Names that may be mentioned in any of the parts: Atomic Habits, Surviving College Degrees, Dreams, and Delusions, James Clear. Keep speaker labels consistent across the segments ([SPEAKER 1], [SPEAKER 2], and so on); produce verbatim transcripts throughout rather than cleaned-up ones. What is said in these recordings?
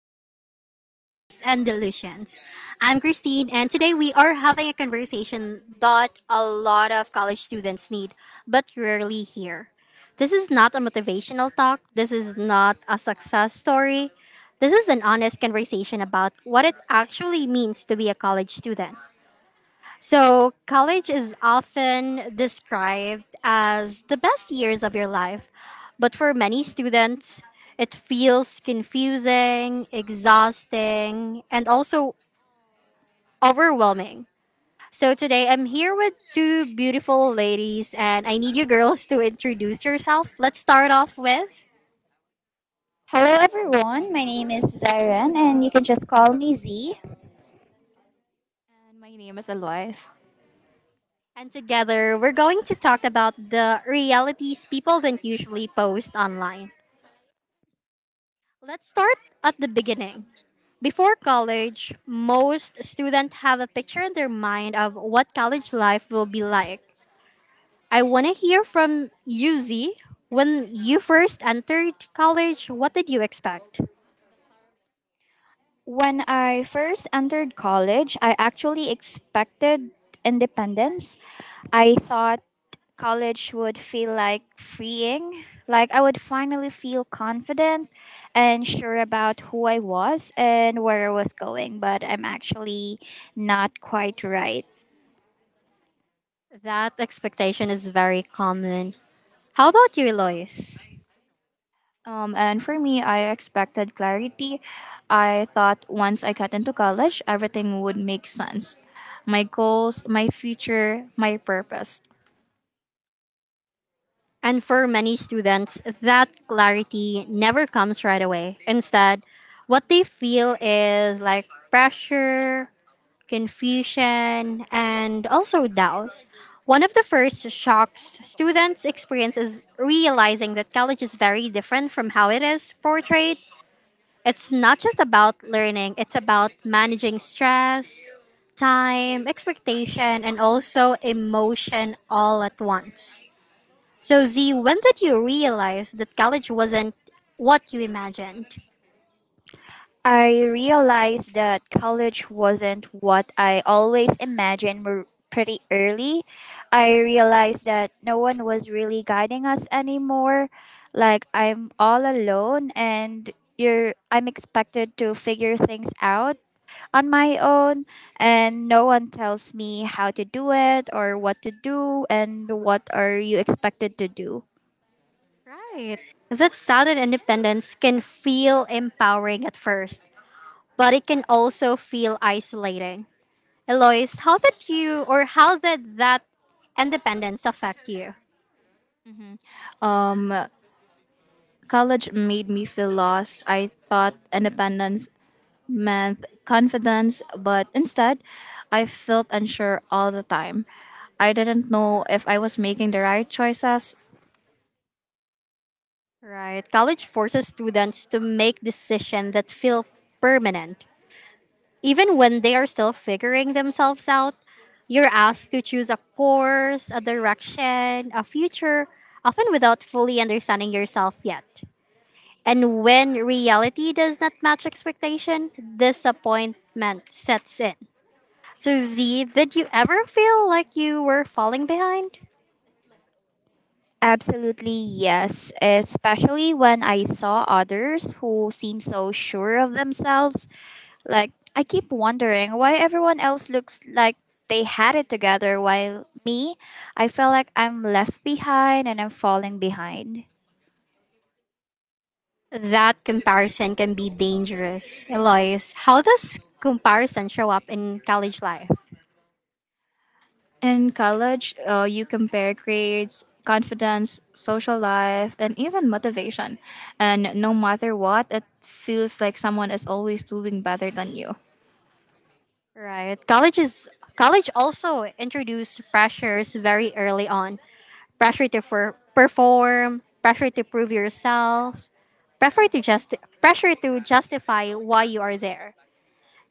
[SPEAKER 1] Degrees, Dreams, and Delusions. I'm Christine, and today we are having a conversation that a lot of college students need but rarely hear. This is not a motivational talk, this is not a success story. This is an honest conversation about what it actually means to be a college student. So, college is often described as the best years of your life, but for many students, it feels confusing, exhausting, and also overwhelming. So, today I'm here with two beautiful ladies, and I need you girls to introduce yourself. Let's start off with,
[SPEAKER 2] Hello, everyone. My name is Zaren, and you can just call me Z.
[SPEAKER 3] And my name is Alois.
[SPEAKER 1] and together we're going to talk about the realities people don't usually post online. Let's start at the beginning. Before college, most students have a picture in their mind of what college life will be like. I want to hear from you, Z. When you first entered college, what did you expect?
[SPEAKER 2] When I first entered college, I actually expected independence. I thought college would feel like freeing, like I would finally feel confident and sure about who I was and where I was going, but I'm actually not quite right.
[SPEAKER 1] That expectation is very common. How about you, Eloise?
[SPEAKER 3] Um, and for me, I expected clarity. I thought once I got into college, everything would make sense. My goals, my future, my purpose.
[SPEAKER 1] And for many students, that clarity never comes right away. Instead, what they feel is like pressure, confusion, and also doubt. One of the first shocks students experience is realizing that college is very different from how it is portrayed. It's not just about learning, it's about managing stress, time, expectation, and also emotion all at once. So, Z, when did you realize that college wasn't what you imagined?
[SPEAKER 2] I realized that college wasn't what I always imagined r- pretty early. I realized that no one was really guiding us anymore. Like I'm all alone and you're I'm expected to figure things out on my own, and no one tells me how to do it or what to do and what are you expected to do.
[SPEAKER 1] Right. That sudden independence can feel empowering at first, but it can also feel isolating. Eloise, how did you or how did that independence affect you?
[SPEAKER 3] Um, college made me feel lost. I thought independence meant confidence, but instead, I felt unsure all the time. I didn't know if I was making the right choices.
[SPEAKER 1] Right. College forces students to make decisions that feel permanent. Even when they are still figuring themselves out, you're asked to choose a course, a direction, a future, often without fully understanding yourself yet. And when reality does not match expectation, disappointment sets in. So, Z, did you ever feel like you were falling behind?
[SPEAKER 2] Absolutely, yes. Especially when I saw others who seem so sure of themselves. Like, I keep wondering why everyone else looks like they had it together, while me, I feel like I'm left behind and I'm falling behind.
[SPEAKER 1] That comparison can be dangerous. Eloise, how does comparison show up in college life?
[SPEAKER 3] In college, uh, you compare grades, confidence, social life, and even motivation. And no matter what, it feels like someone is always doing better than you.
[SPEAKER 1] Right. College is college also introduce pressures very early on. Pressure to for, perform, pressure to prove yourself, pressure to just pressure to justify why you are there.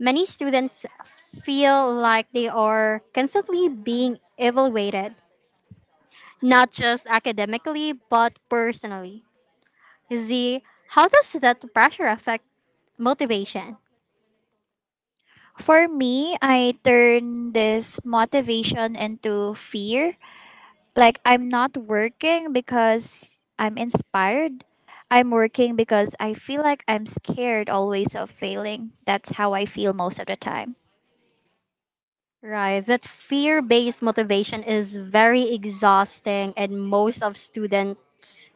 [SPEAKER 1] Many students feel like they are constantly being evaluated not just academically, but personally. Z, how does that pressure affect motivation?
[SPEAKER 2] For me, I turn this motivation into fear, like I'm not working because I'm inspired. I'm working because I feel like I'm scared always of failing. That's how I feel most of the time.
[SPEAKER 1] Right, that fear based motivation is very exhausting, and most of students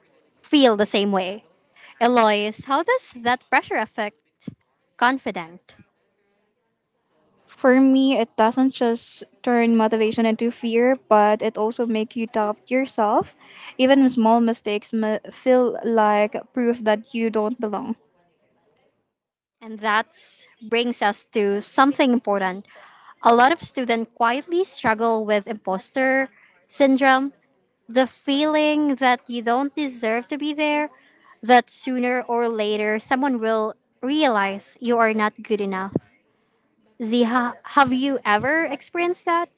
[SPEAKER 1] feel the same way. Eloise, how does that pressure affect confidence?
[SPEAKER 3] For me, it doesn't just turn motivation into fear, but it also make you doubt yourself. Even small mistakes ma- feel like proof that you don't belong.
[SPEAKER 1] And that brings us to something important. A lot of students quietly struggle with imposter syndrome, the feeling that you don't deserve to be there, that sooner or later someone will realize you are not good enough. Ziha, have you ever experienced that?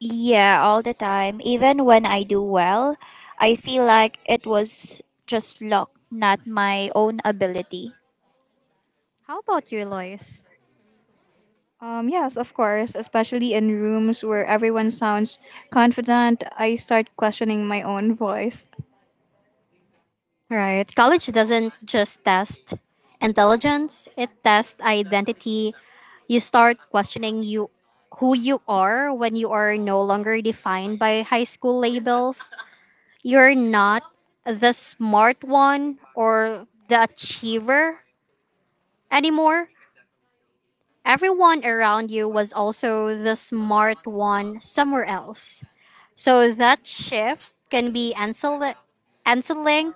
[SPEAKER 2] Yeah, all the time. Even when I do well, I feel like it was just luck, not my own ability.
[SPEAKER 1] How about you, Lois?
[SPEAKER 3] Um, yes, of course, especially in rooms where everyone sounds confident, I start questioning my own voice.
[SPEAKER 1] Right. College doesn't just test intelligence, it tests identity. You start questioning you who you are when you are no longer defined by high school labels. You're not the smart one or the achiever anymore, everyone around you was also the smart one somewhere else. So that shift can be ancil- anciling.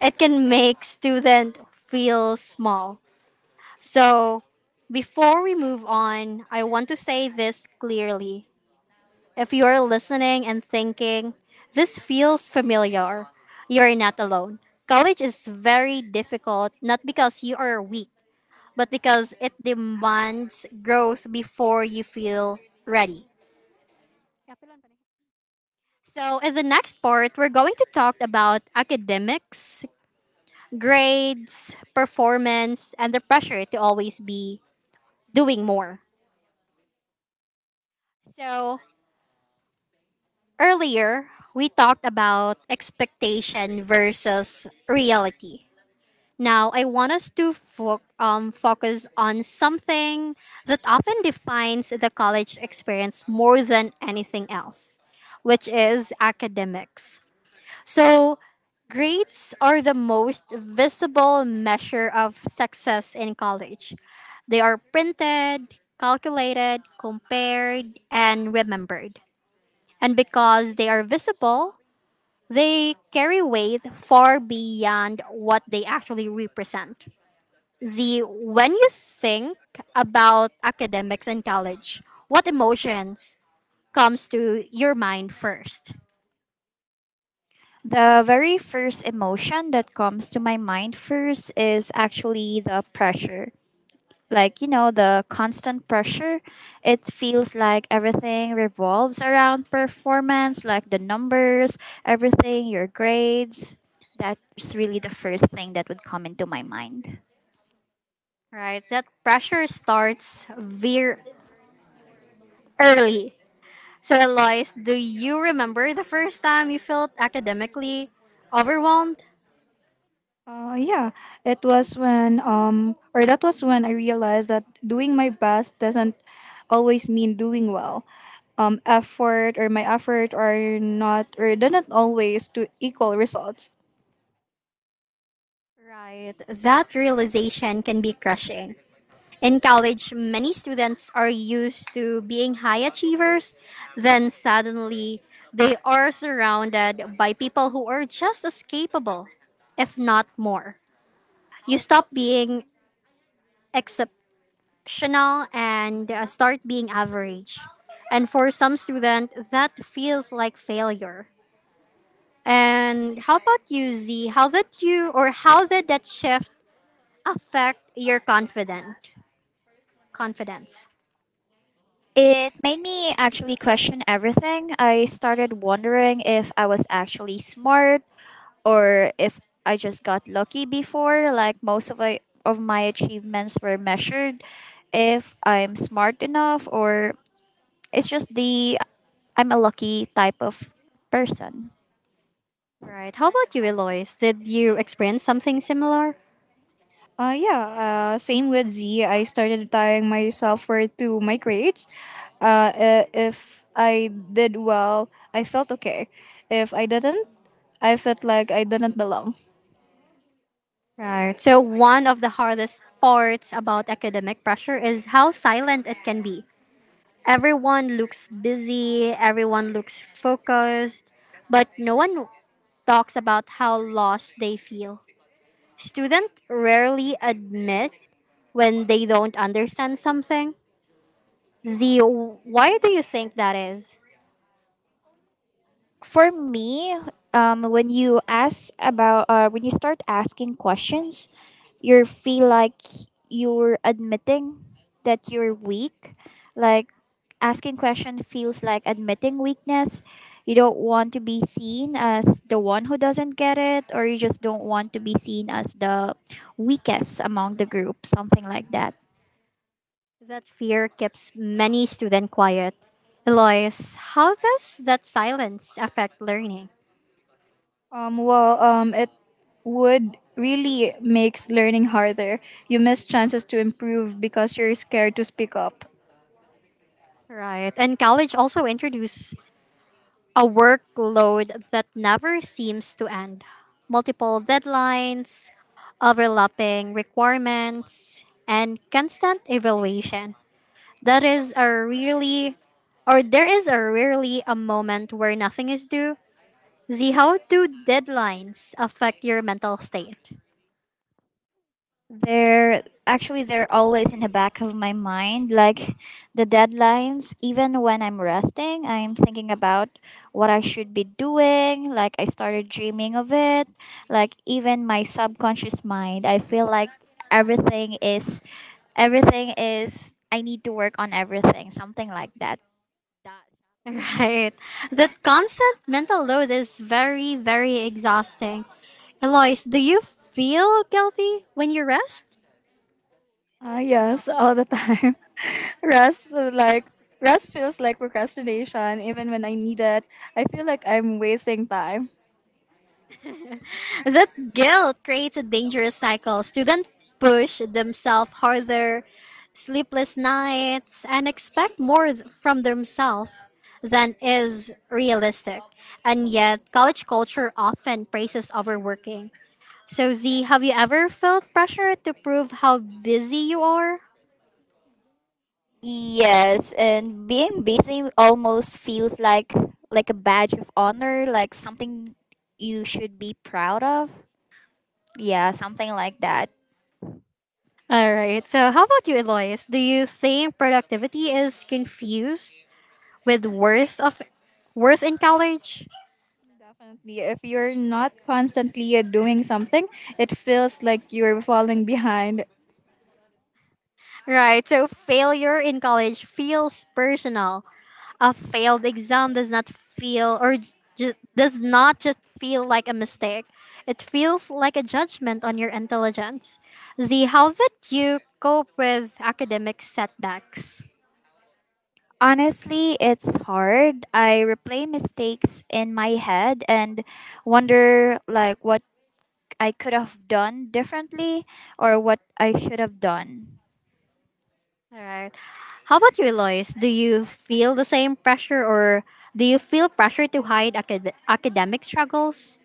[SPEAKER 1] It can make student feel small. So before we move on, I want to say this clearly. If you're listening and thinking, this feels familiar, you're not alone. College is very difficult, not because you are weak, but because it demands growth before you feel ready. So, in the next part, we're going to talk about academics, grades, performance, and the pressure to always be doing more. So, earlier, we talked about expectation versus reality. Now, I want us to fo- um, focus on something that often defines the college experience more than anything else, which is academics. So, grades are the most visible measure of success in college. They are printed, calculated, compared, and remembered. And because they are visible, they carry weight far beyond what they actually represent. Z, when you think about academics and college, what emotions comes to your mind first?
[SPEAKER 2] The very first emotion that comes to my mind first is actually the pressure. Like, you know the constant pressure, it feels like everything revolves around performance, like the numbers, everything, your grades. That's really the first thing that would come into my mind.
[SPEAKER 1] Right? That pressure starts very early. So Eloise, do you remember the first time you felt academically overwhelmed?
[SPEAKER 3] Uh, yeah, it was when um or that was when I realized that doing my best doesn't always mean doing well. Um, effort or my effort are not or doesn't always to equal results.
[SPEAKER 1] Right. That realization can be crushing. In college, many students are used to being high achievers, then suddenly they are surrounded by people who are just as capable, if not more. You stop being exceptional and uh, start being average. And for some student, that feels like failure. And how about you, Z? How did you or how did that shift affect your confident confidence?
[SPEAKER 2] It made me actually question everything. I started wondering if I was actually smart, or if I just got lucky before. Like, most of, I, of my achievements were measured, if I'm smart enough, or it's just the I'm a lucky type of person.
[SPEAKER 1] Right. How about you, Eloise? Did you experience something similar?
[SPEAKER 3] Uh, yeah, uh, same with Z. I started tying my self worth to my grades. Uh, i- if I did well, I felt okay. If I didn't, I felt like I didn't belong.
[SPEAKER 1] Right. So, one of the hardest parts about academic pressure is how silent it can be. Everyone looks busy, everyone looks focused, but no one talks about how lost they feel. Students rarely admit when they don't understand something. Z, why do you think that is?
[SPEAKER 2] For me, um, when you ask about, uh, when you start asking questions, you feel like you're admitting that you're weak. Like, asking question feels like admitting weakness. You don't want to be seen as the one who doesn't get it, or you just don't want to be seen as the weakest among the group, something like that.
[SPEAKER 1] That fear keeps many students quiet. Eloise, how does that silence affect learning?
[SPEAKER 3] Um, well, um, it would really makes learning harder. You miss chances to improve because you're scared to speak up.
[SPEAKER 1] Right. And college also introduced a workload that never seems to end. Multiple deadlines, overlapping requirements, and constant evaluation. That is a really, or there is a rarely a moment where nothing is due. Z, how do deadlines affect your mental state?
[SPEAKER 2] they're actually they're always in the back of my mind, like the deadlines. Even when I'm resting, I'm thinking about what I should be doing. Like, I started dreaming of it. Like, even my subconscious mind, I feel like everything is, everything is, I need to work on everything, something like that.
[SPEAKER 1] Right. That constant mental load is very, very exhausting. Eloise, do you feel guilty when you rest?
[SPEAKER 3] Ah, yes, all the time. Rest feel like rest feels like procrastination. Even when I need it, I feel like I'm wasting time.
[SPEAKER 1] That guilt creates a dangerous cycle. Students push themselves harder, sleepless nights, and expect more th- from themselves than is realistic. And yet, college culture often praises overworking. So, Z, have you ever felt pressure to prove how busy you are?
[SPEAKER 2] Yes, and being busy almost feels like like a badge of honor, like something you should be proud of. Yeah, something like that.
[SPEAKER 1] All right. So, how about you, Elias? Do you think productivity is confused with worth of worth in college?
[SPEAKER 3] Definitely, if you're not constantly doing something, it feels like you're falling behind.
[SPEAKER 1] Right. So, failure in college feels personal. A failed exam does not feel or just does not just feel like a mistake. It feels like a judgment on your intelligence. Z, how did you cope with academic setbacks?
[SPEAKER 2] Honestly, it's hard. I replay mistakes in my head and wonder, like, what I could have done differently, or what I should have done.
[SPEAKER 1] All right. How about you, Lois? Do you feel the same pressure or do you feel pressure to hide acad- academic struggles?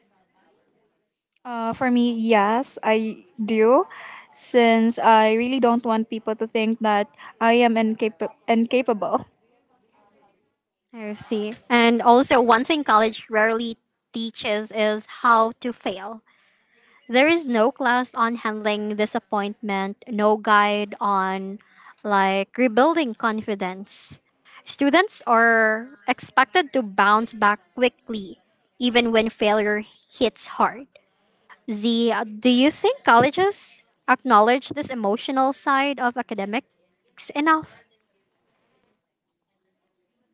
[SPEAKER 3] Uh, for me, yes, I do. Since I really don't want people to think that I am incap- incapable.
[SPEAKER 1] I see. And also, one thing college rarely teaches is how to fail. There is no class on handling disappointment, no guide on like rebuilding confidence. Students are expected to bounce back quickly even when failure hits hard. Z, uh, do you think colleges acknowledge this emotional side of academics enough?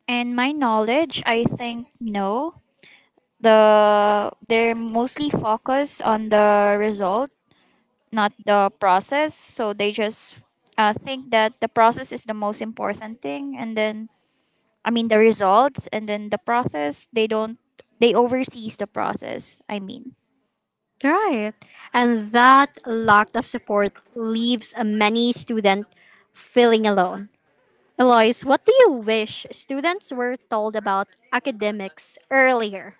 [SPEAKER 2] And my knowledge, I think no. The they're mostly focused on the result, not the process. So they just uh, think that the process is the most important thing, and then I mean the results, and then the process, they don't, they oversees the process, I mean.
[SPEAKER 1] Right. And that lack of support leaves many students feeling alone. Eloise, what do you wish students were told about academics earlier?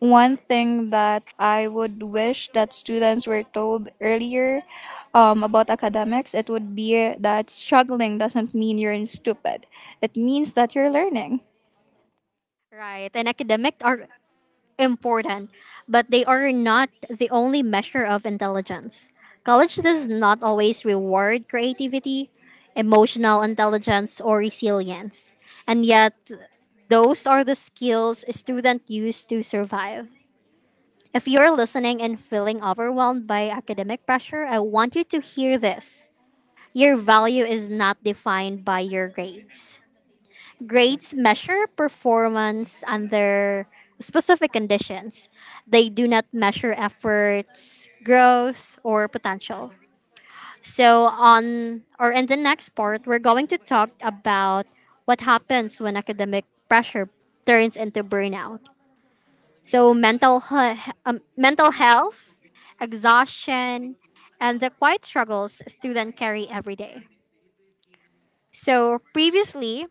[SPEAKER 3] One thing that I would wish that students were told earlier um, about academics, it would be that struggling doesn't mean you're stupid. It means that you're learning.
[SPEAKER 1] Right. And academic are important, but they are not the only measure of intelligence. College does not always reward creativity, emotional intelligence, or resilience. And yet, those are the skills a student use to survive. If you're listening and feeling overwhelmed by academic pressure, I want you to hear this. Your value is not defined by your grades. Grades measure performance under specific conditions. They do not measure efforts, growth, or potential. So on or in the next part, we're going to talk about what happens when academic pressure turns into burnout. So mental he- um, mental health, exhaustion, and the quiet struggles students carry every day. So previously,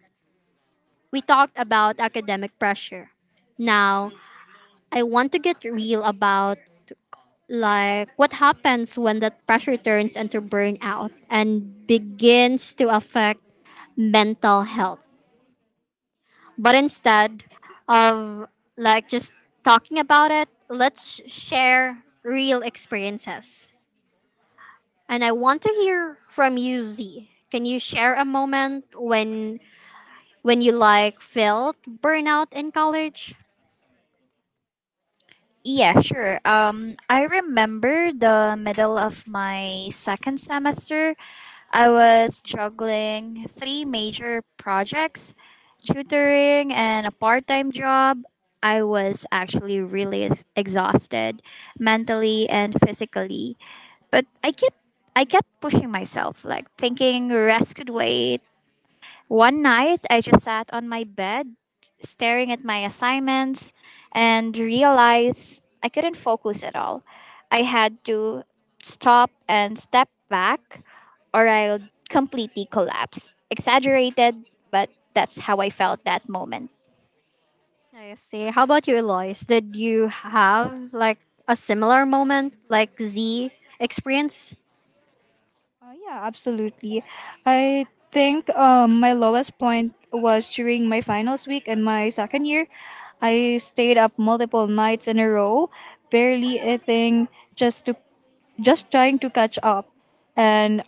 [SPEAKER 1] we talked about academic pressure. Now, I want to get real about like what happens when that pressure turns into burnout and begins to affect mental health. But instead of like just talking about it, let's share real experiences. And I want to hear from you, Z. Can you share a moment when when you like felt burnout in college?
[SPEAKER 2] Yeah, sure. um I remember the middle of my second semester. I was juggling three major projects, tutoring, and a part-time job. I was actually really ex- exhausted, mentally and physically, but I kept I kept pushing myself, like thinking rest could wait. One night, I just sat on my bed, staring at my assignments, and realized I couldn't focus at all. I had to stop and step back, or I'll completely collapse. Exaggerated, but that's how I felt that moment.
[SPEAKER 1] I see. How about you, Eloise? Did you have like a similar moment, like Z experience?
[SPEAKER 3] Uh, yeah, absolutely. I think um, my lowest point was during my finals week in my second year. I stayed up multiple nights in a row, barely eating, just to just trying to catch up. And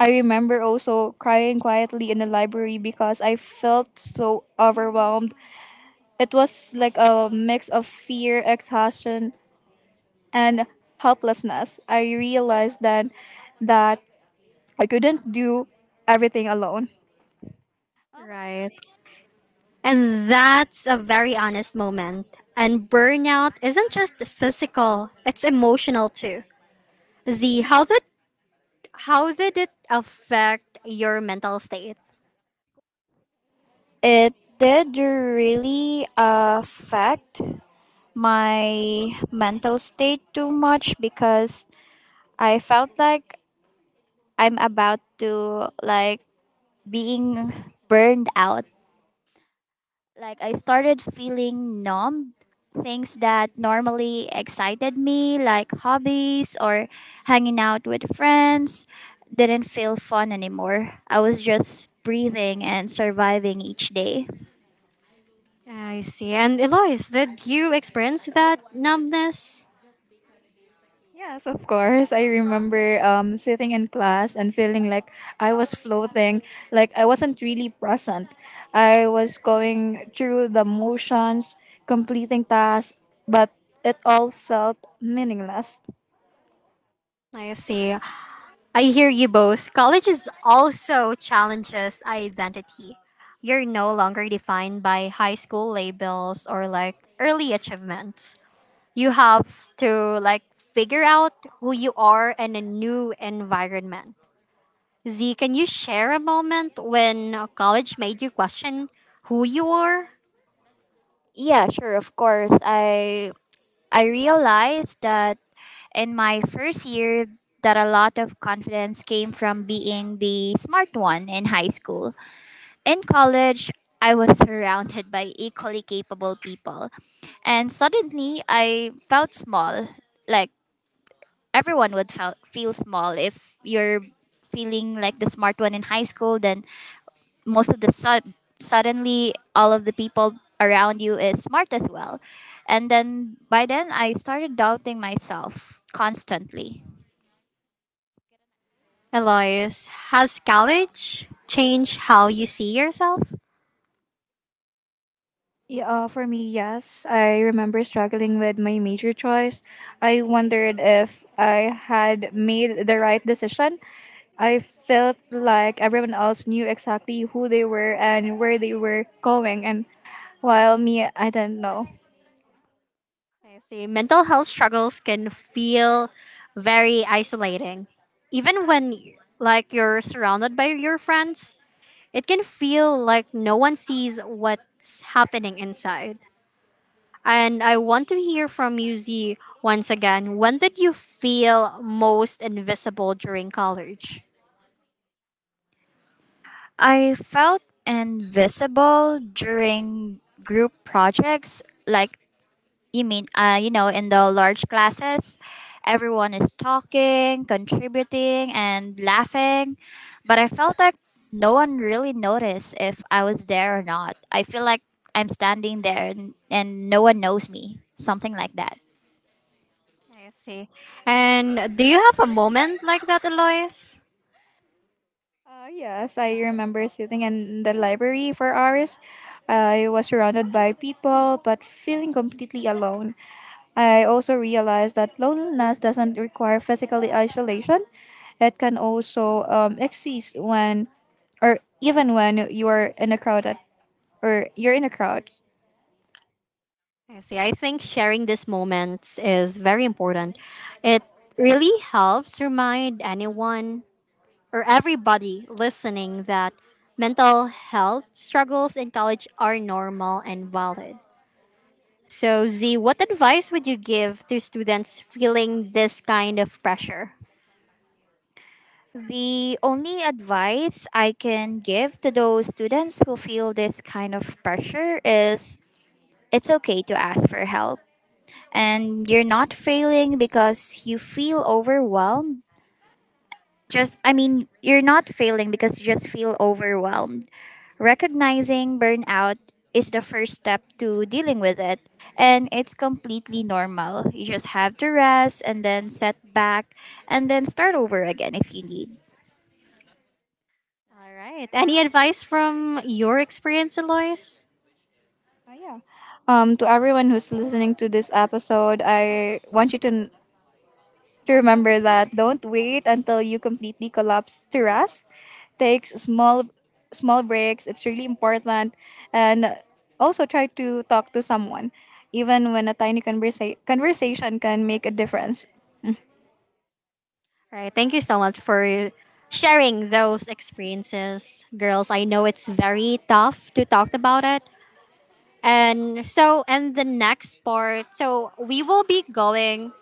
[SPEAKER 3] I remember also crying quietly in the library because I felt so overwhelmed. It was like a mix of fear, exhaustion, and helplessness. I realized then that I couldn't do everything alone.
[SPEAKER 1] Right. And that's a very honest moment. And burnout isn't just physical, it's emotional too. Z, how did how did it affect your mental state?
[SPEAKER 2] It did really affect my mental state too much, because I felt like I'm about to, like, being burned out. Like, I started feeling numb. Things that normally excited me, like hobbies or hanging out with friends, didn't feel fun anymore. I was just breathing and surviving each day.
[SPEAKER 1] I see. And Eloise, did you experience that numbness?
[SPEAKER 3] Yes, of course. I remember um, sitting in class and feeling like I was floating, like I wasn't really present. I was going through the motions, completing tasks, but it all felt meaningless.
[SPEAKER 1] I see. I hear you both. College is also challenges identity. You're no longer defined by high school labels or like early achievements. You have to like figure out who you are in a new environment. Z, can you share a moment when college made you question who you are?
[SPEAKER 2] Yeah, sure, of course. I I realized that in my first year, that a lot of confidence came from being the smart one in high school. In college, I was surrounded by equally capable people, and suddenly I felt small. Like, everyone would felt, feel small if you're feeling like the smart one in high school. Then most of the sud suddenly all of the people around you is smart as well. And then by then I started doubting myself constantly.
[SPEAKER 1] Elias, has college changed how you see yourself?
[SPEAKER 3] Yeah, uh, for me, yes. I remember struggling with my major choice. I wondered if I had made the right decision. I felt like everyone else knew exactly who they were and where they were going, and while me, I didn't know.
[SPEAKER 1] I see. Mental health struggles can feel very isolating. Even when like you're surrounded by your friends, it can feel like no one sees what's happening inside. And I want to hear from you, Z, once again. When did you feel most invisible during college?
[SPEAKER 2] I felt invisible during group projects. Like, you mean, uh, you know, in the large classes, everyone is talking, contributing, and laughing. But I felt like no one really noticed if I was there or not. I feel like I'm standing there, and, and no one knows me, something like that.
[SPEAKER 1] I see. And do you have a moment like that, Alois?
[SPEAKER 3] Uh, yes, I remember sitting in the library for hours. I was surrounded by people, but feeling completely alone. I also realized that loneliness doesn't require physical isolation. It can also um, exist when, or even when you are in a crowded, or you're in a crowd.
[SPEAKER 1] I see. I think sharing these moments is very important. It really helps remind anyone or everybody listening that mental health struggles in college are normal and valid. So, Z, what advice would you give to students feeling this kind of pressure?
[SPEAKER 2] The only advice I can give to those students who feel this kind of pressure is, it's okay to ask for help. And you're not failing because you feel overwhelmed. Just, I mean, you're not failing because you just feel overwhelmed. Recognizing burnout is the first step to dealing with it, and it's completely normal. You just have to rest and then set back and then start over again if you need.
[SPEAKER 1] All right. Any advice from your experience, Eloise?
[SPEAKER 3] Uh, yeah. Um, to everyone who's listening to this episode, I want you to to remember that don't wait until you completely collapse to rest. Take small small breaks. It's really important, and also try to talk to someone, even when a tiny conversa- conversation can make a difference.
[SPEAKER 1] Right. Thank you so much for sharing those experiences, girls. I know it's very tough to talk about it. And so, and the next part, so we will be going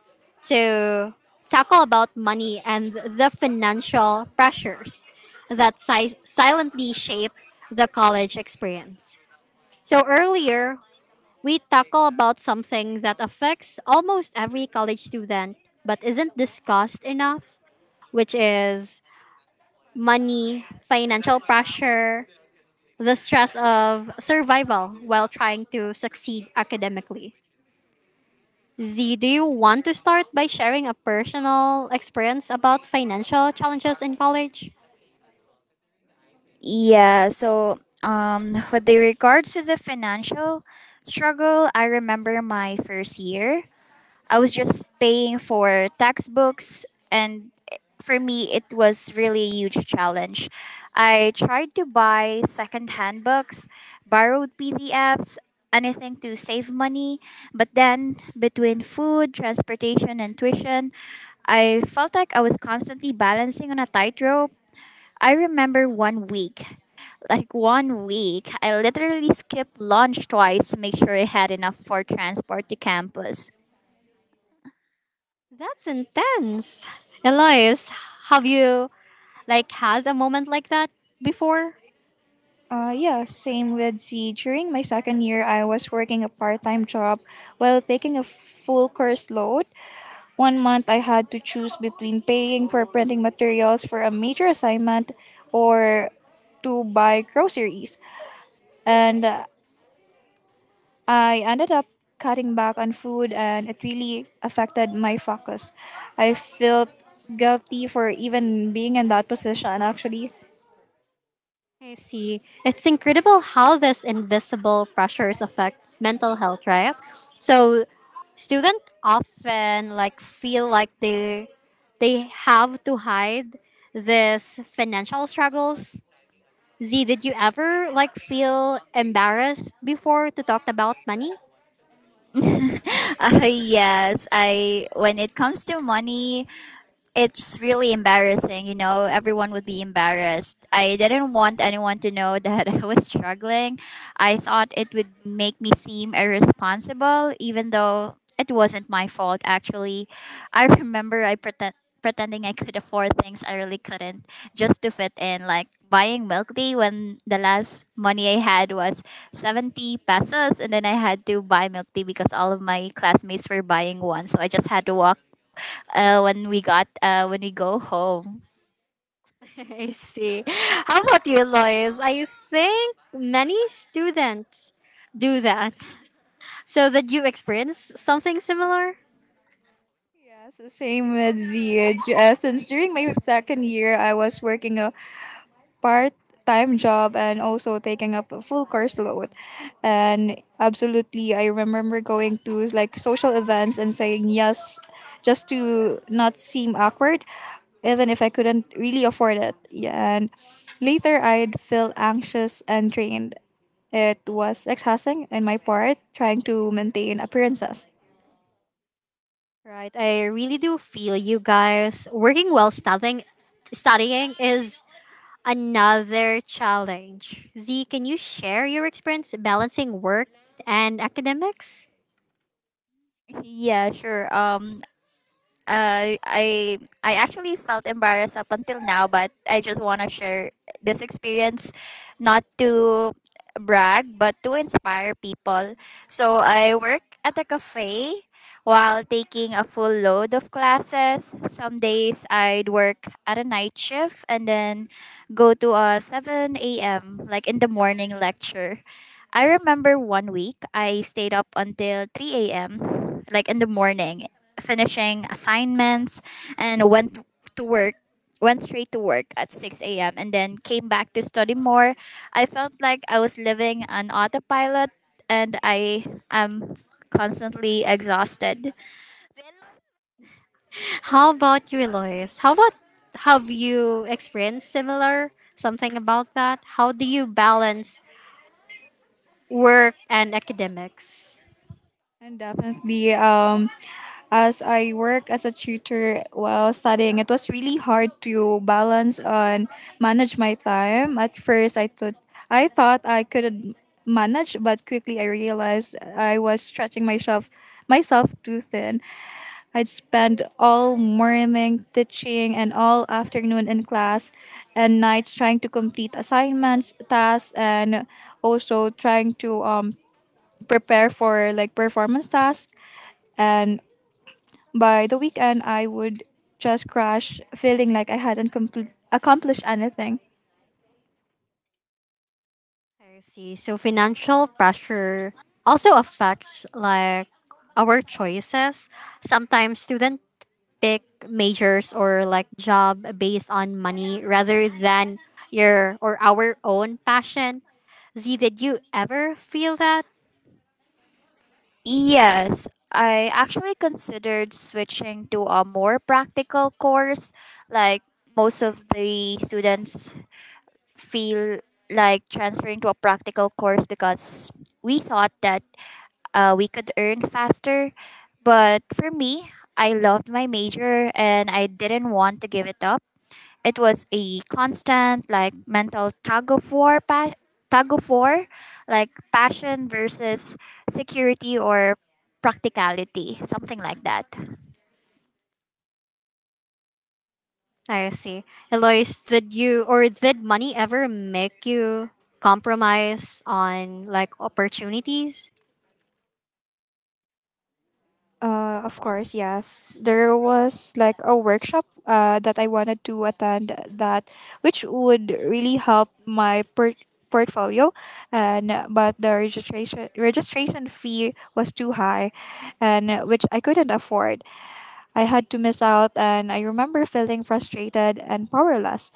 [SPEAKER 1] to tackle about money and the financial pressures that si- silently shape the college experience. So earlier, we tackle about something that affects almost every college student but isn't discussed enough, which is money, financial pressure, the stress of survival while trying to succeed academically. Z, do you want to start by sharing a personal experience about financial challenges in college?
[SPEAKER 2] Yeah, so um with the regards to the financial struggle, I remember my first year. I was just paying for textbooks, and for me, it was really a huge challenge. I tried to buy secondhand books, borrowed P D Fs, anything to save money, but then between food, transportation, and tuition, I felt like I was constantly balancing on a tightrope. I remember one week, like one week, I literally skipped lunch twice to make sure I had enough for transport to campus.
[SPEAKER 1] That's intense. Elias, have you like had a moment like that before?
[SPEAKER 3] Uh, yeah, same with C. During my second year, I was working a part time job while taking a full course load. One month, I had to choose between paying for printing materials for a major assignment or to buy groceries. And uh, I ended up cutting back on food and it really affected my focus. I felt guilty for even being in that position actually.
[SPEAKER 1] I see. It's incredible how these invisible pressures affect mental health, right? So students often like feel like they they have to hide these financial struggles. Z, did you ever like feel embarrassed before to talk about money?
[SPEAKER 2] uh, yes, I when it comes to money, it's really embarrassing. You know, everyone would be embarrassed. I didn't want anyone to know that I was struggling. I thought it would make me seem irresponsible, even though it wasn't my fault actually. I remember I pretend pretending I could afford things I really couldn't, just to fit in, like buying milk tea when the last money I had was seventy pesos, and then I had to buy milk tea because all of my classmates were buying one, so I just had to walk uh, when we got uh, when we go home.
[SPEAKER 1] I see. How about you, Lois? I think many students do that. So did you experience something similar?
[SPEAKER 3] Yes, the same with the G S. Since during my second year, I was working a part time job and also taking up a full course load. And absolutely, I remember going to like social events and saying yes just to not seem awkward, even if I couldn't really afford it. Yeah, and later, I'd feel anxious and drained. It was exhausting in my part trying to maintain appearances.
[SPEAKER 1] Right. I really do feel you guys working while studying studying is another challenge. Z, can you share your experience balancing work and academics?
[SPEAKER 2] Yeah, sure. Um, uh, I I actually felt embarrassed up until now, but I just want to share this experience, not to brag, but to inspire people. So I work at a cafe while taking a full load of classes. Some days I'd work at a night shift and then go to a seven a m, like in the morning, lecture. I remember one week I stayed up until three a m, like in the morning, finishing assignments and went to work, went straight to work at six a m, and then came back to study more. I felt like I was living on autopilot, and I am constantly exhausted.
[SPEAKER 1] How about you, Eloise? How about have you experienced similar something about that? How do you balance work and academics?
[SPEAKER 3] And definitely, um, as I work as a tutor while studying, it was really hard to balance and manage my time. At first, I thought I thought I couldn't manage, but quickly I realized I was stretching myself myself too thin. I'd spend all morning teaching and all afternoon in class and nights trying to complete assignments, tasks, and also trying to um prepare for like performance tasks and by the weekend, I would just crash, feeling like I hadn't compl- accomplished anything.
[SPEAKER 1] I see. So financial pressure also affects like our choices. Sometimes student pick majors or like job based on money rather than your or our own passion. Z, did you ever feel that?
[SPEAKER 2] Yes, I actually considered switching to a more practical course. Like, most of the students feel like transferring to a practical course because we thought that uh, we could earn faster. But for me, I loved my major and I didn't want to give it up. It was a constant, like, mental tug of war, pa- tug of war, like passion versus security, or practicality, something like that.
[SPEAKER 1] I see. Eloise, did you or did money ever make you compromise on like opportunities?
[SPEAKER 3] Uh, of course, yes. There was like a workshop uh, that I wanted to attend that which would really help my per- portfolio and but the registration registration fee was too high and uh, which I couldn't afford. I had to miss out and I remember feeling frustrated and powerless.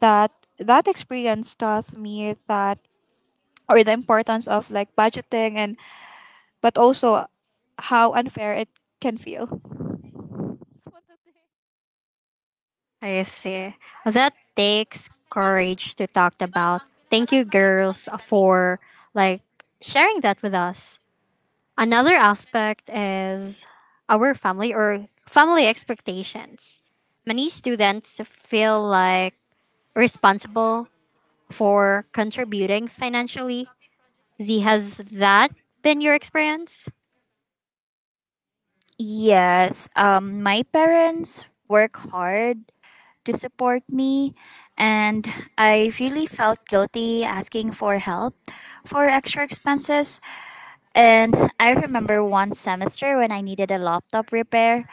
[SPEAKER 3] That that experience taught me that or the importance of like budgeting and but also how unfair it can feel.
[SPEAKER 1] I see. That takes courage to talk about. Thank you, girls, for like sharing that with us. Another aspect is our family or family expectations. Many students feel like responsible for contributing financially. Z, has that been your experience?
[SPEAKER 2] Yes, um, my parents work hard to support me, and I really felt guilty asking for help for extra expenses. And I remember one semester when I needed a laptop repair,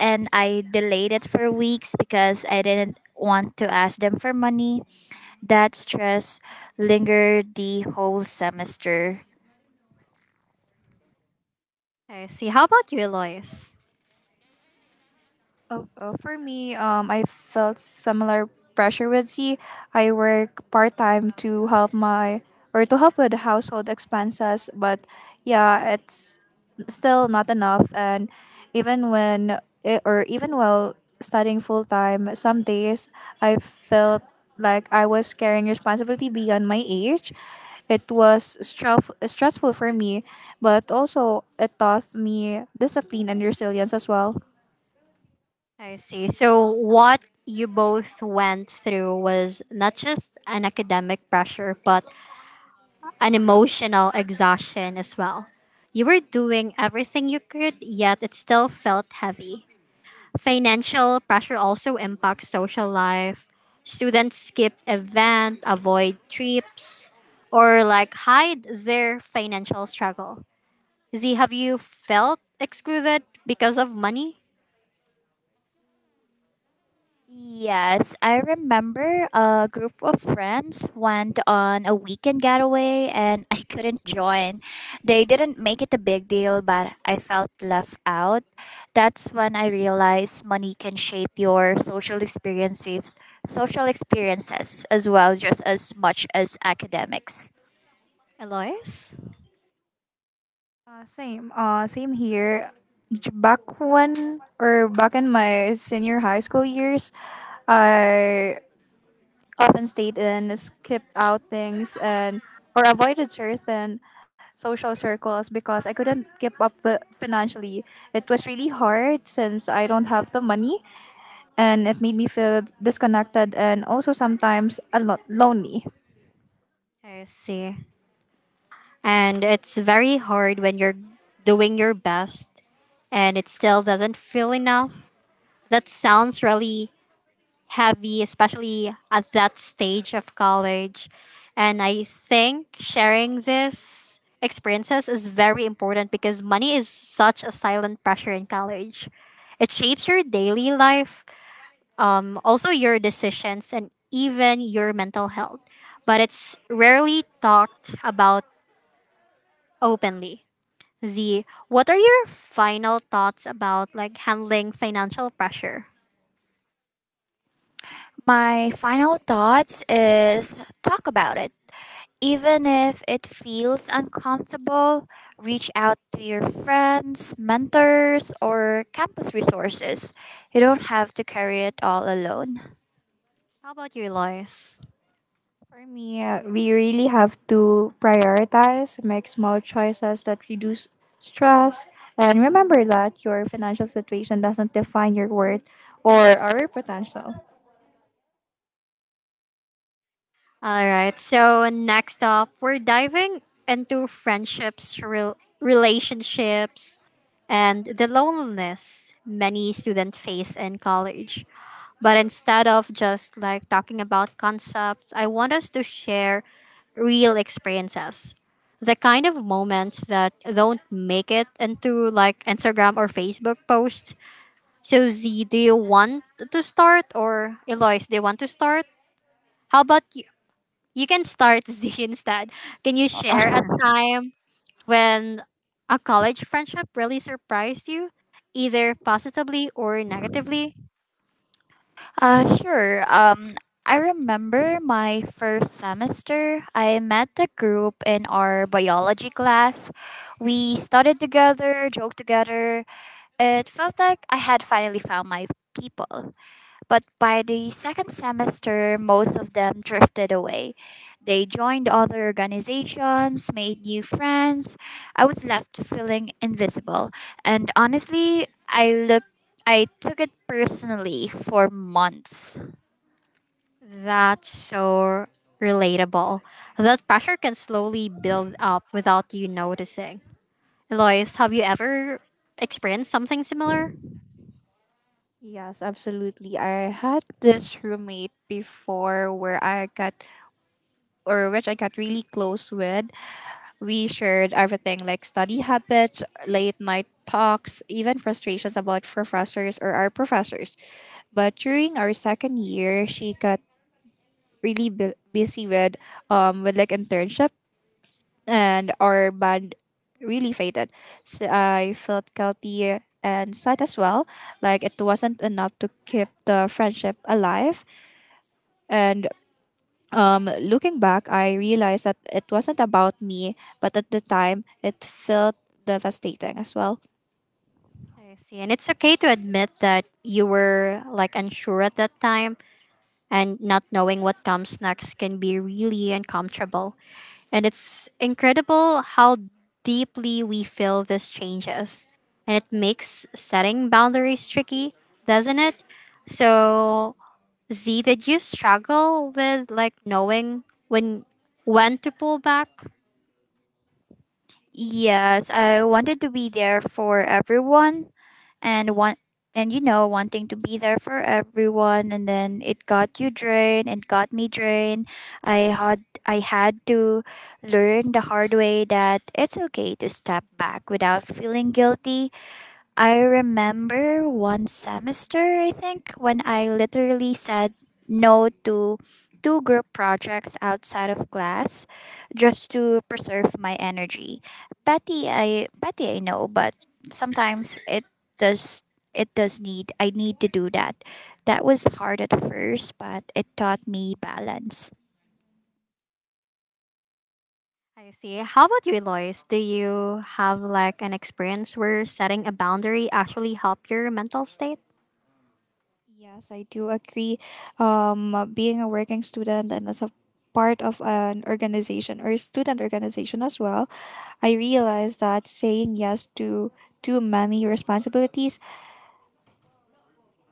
[SPEAKER 2] and I delayed it for weeks because I didn't want to ask them for money. That stress lingered the whole semester.
[SPEAKER 1] I see. How about you, Lois?
[SPEAKER 3] Oh, oh, for me, um, I felt similar pressure with C. I work part time to help my or to help with household expenses, but yeah, it's still not enough. And even when it, or even while studying full time, some days I felt like I was carrying responsibility beyond my age. It was stress- stressful for me, but also it taught me discipline and resilience as well.
[SPEAKER 1] I see. So, what you both went through was not just an academic pressure, but an emotional exhaustion as well. You were doing everything you could, yet it still felt heavy. Financial pressure also impacts social life. Students skip events, avoid trips, or like hide their financial struggle. Z, have you felt excluded because of money,
[SPEAKER 2] Yes, I remember a group of friends went on a weekend getaway and I couldn't join. They didn't make it a big deal, but I felt left out. That's when I realized money can shape your social experiences, social experiences as well, just as much as academics.
[SPEAKER 1] Elois?
[SPEAKER 3] Uh, same. Uh, same here. J- Back when or back in my senior high school years, I often stayed in, skipped out things, and or avoided certain social circles because I couldn't keep up with financially. It was really hard since I don't have the money, and it made me feel disconnected and also sometimes a lot lonely.
[SPEAKER 1] I see. And it's very hard when you're doing your best and it still doesn't feel enough. That sounds really heavy, especially at that stage of college. And I think sharing this experiences is very important because money is such a silent pressure in college. It shapes your daily life, um, also your decisions, and even your mental health. But it's rarely talked about openly. Z, what are your final thoughts about like handling financial pressure?
[SPEAKER 2] My final thoughts is, talk about it. Even if it feels uncomfortable, reach out to your friends, mentors, or campus resources. You don't have to carry it all alone.
[SPEAKER 1] How about you, Lois?
[SPEAKER 3] For me, uh, we really have to prioritize, make small choices that reduce stress, and remember that your financial situation doesn't define your worth or our potential.
[SPEAKER 1] All right. So next up, we're diving into friendships, rel- relationships, and the loneliness many students face in college. But instead of just like talking about concepts, I want us to share real experiences. The kind of moments that don't make it into like Instagram or Facebook posts. So Z, do you want to start or Eloise, do you want to start? How about you? You can start Z instead. Can you share a time when a college friendship really surprised you, either positively or negatively?
[SPEAKER 2] Uh, sure. Um, I remember my first semester, I met a group in our biology class. We studied together, joked together. It felt like I had finally found my people. But by the second semester, most of them drifted away. They joined other organizations, made new friends. I was left feeling invisible. And honestly, I looked I took it personally for months.
[SPEAKER 1] That's so relatable. That pressure can slowly build up without you noticing. Lois, have you ever experienced something similar?
[SPEAKER 3] Yes, absolutely. I had this roommate before where I got or which I got really close with. We shared everything like study habits, late night talks, even frustrations about professors or our professors. But during our second year, she got really bu- busy with um with like internship and our band really faded. So I felt guilty and sad as well. Like it wasn't enough to keep the friendship alive. And um, looking back, I realized that it wasn't about me, but at the time, it felt devastating as well.
[SPEAKER 1] I see. And it's okay to admit that you were like unsure at that time and not knowing what comes next can be really uncomfortable. And it's incredible how deeply we feel this changes. And it makes setting boundaries tricky, doesn't it? So, Z, did you struggle with like knowing when when to pull back?
[SPEAKER 2] Yes, I wanted to be there for everyone, and want and you know wanting to be there for everyone, and then it got you drained it got me drained. I had i had to learn the hard way that it's okay to step back without feeling guilty. I remember one semester, I think, when I literally said no to two group projects outside of class just to preserve my energy. Petty, I petty I know, but sometimes it does it does need I need to do that. That was hard at first, but it taught me balance.
[SPEAKER 1] I see. How about you, Lois? Do you have like an experience where setting a boundary actually helped your mental state?
[SPEAKER 3] Yes, I do agree. Um, uh, being a working student and as a part of an organization or student organization as well, I realized that saying yes to too many responsibilities,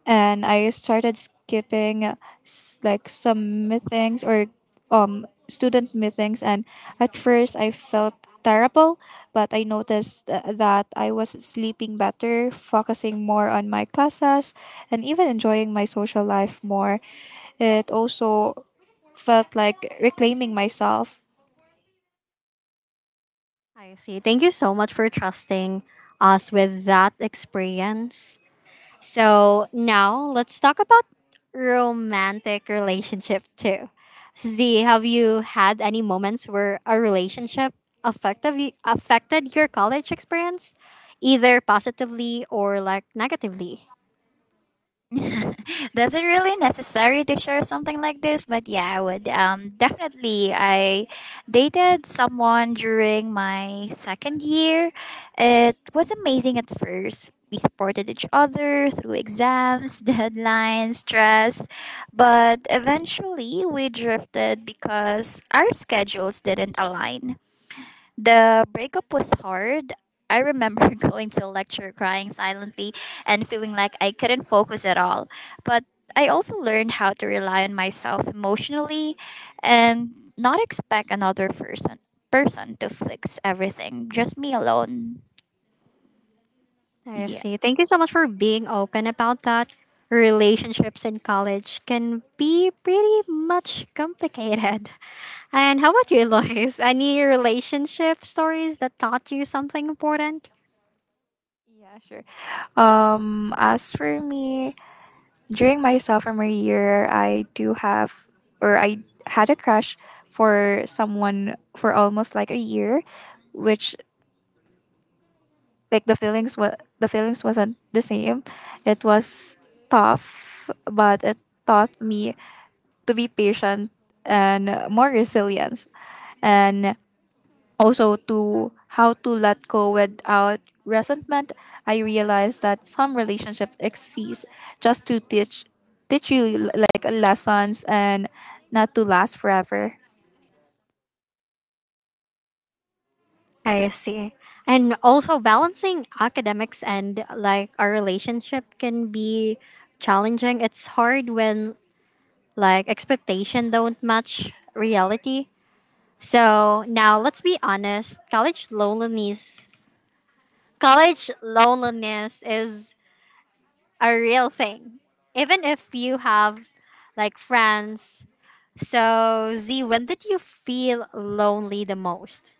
[SPEAKER 3] and I started skipping uh, s- like some meetings or um student meetings, and at first I felt terrible, but I noticed uh, that I was sleeping better, focusing more on my classes, and even enjoying my social life more. It also felt like reclaiming myself.
[SPEAKER 1] I see. Thank you so much for trusting us with that experience. So now let's talk about romantic relationship too. Z, have you had any moments where a relationship affected y- affected your college experience, either positively or like negatively?
[SPEAKER 2] That's it really necessary to share something like this? But yeah, I would. Um, definitely, I dated someone during my second year. It was amazing at first. We supported each other through exams, deadlines, stress, but eventually we drifted because our schedules didn't align. The breakup was hard. I remember going to a lecture crying silently and feeling like I couldn't focus at all. But I also learned how to rely on myself emotionally and not expect another person person to fix everything. Just me alone.
[SPEAKER 1] I
[SPEAKER 2] Yeah.
[SPEAKER 1] see. Thank you so much for being open about that. Relationships in college can be pretty much complicated. And how about you, Lois? Any relationship stories that taught you something important?
[SPEAKER 3] Yeah, sure. Um, as for me, during my sophomore year, I do have, or I had a crush for someone for almost like a year, which like the feelings was the feelings wasn't the same. It was tough, but it taught me to be patient and more resilience. And also, to how to let go without resentment, I realized that some relationships exist just to teach teach you like lessons and not to last forever.
[SPEAKER 1] I see. And also balancing academics and like our relationship can be challenging. It's hard when like expectation don't match reality. So now let's be honest, college loneliness college loneliness is a real thing. Even if you have like friends. So Z, when did you feel lonely the most?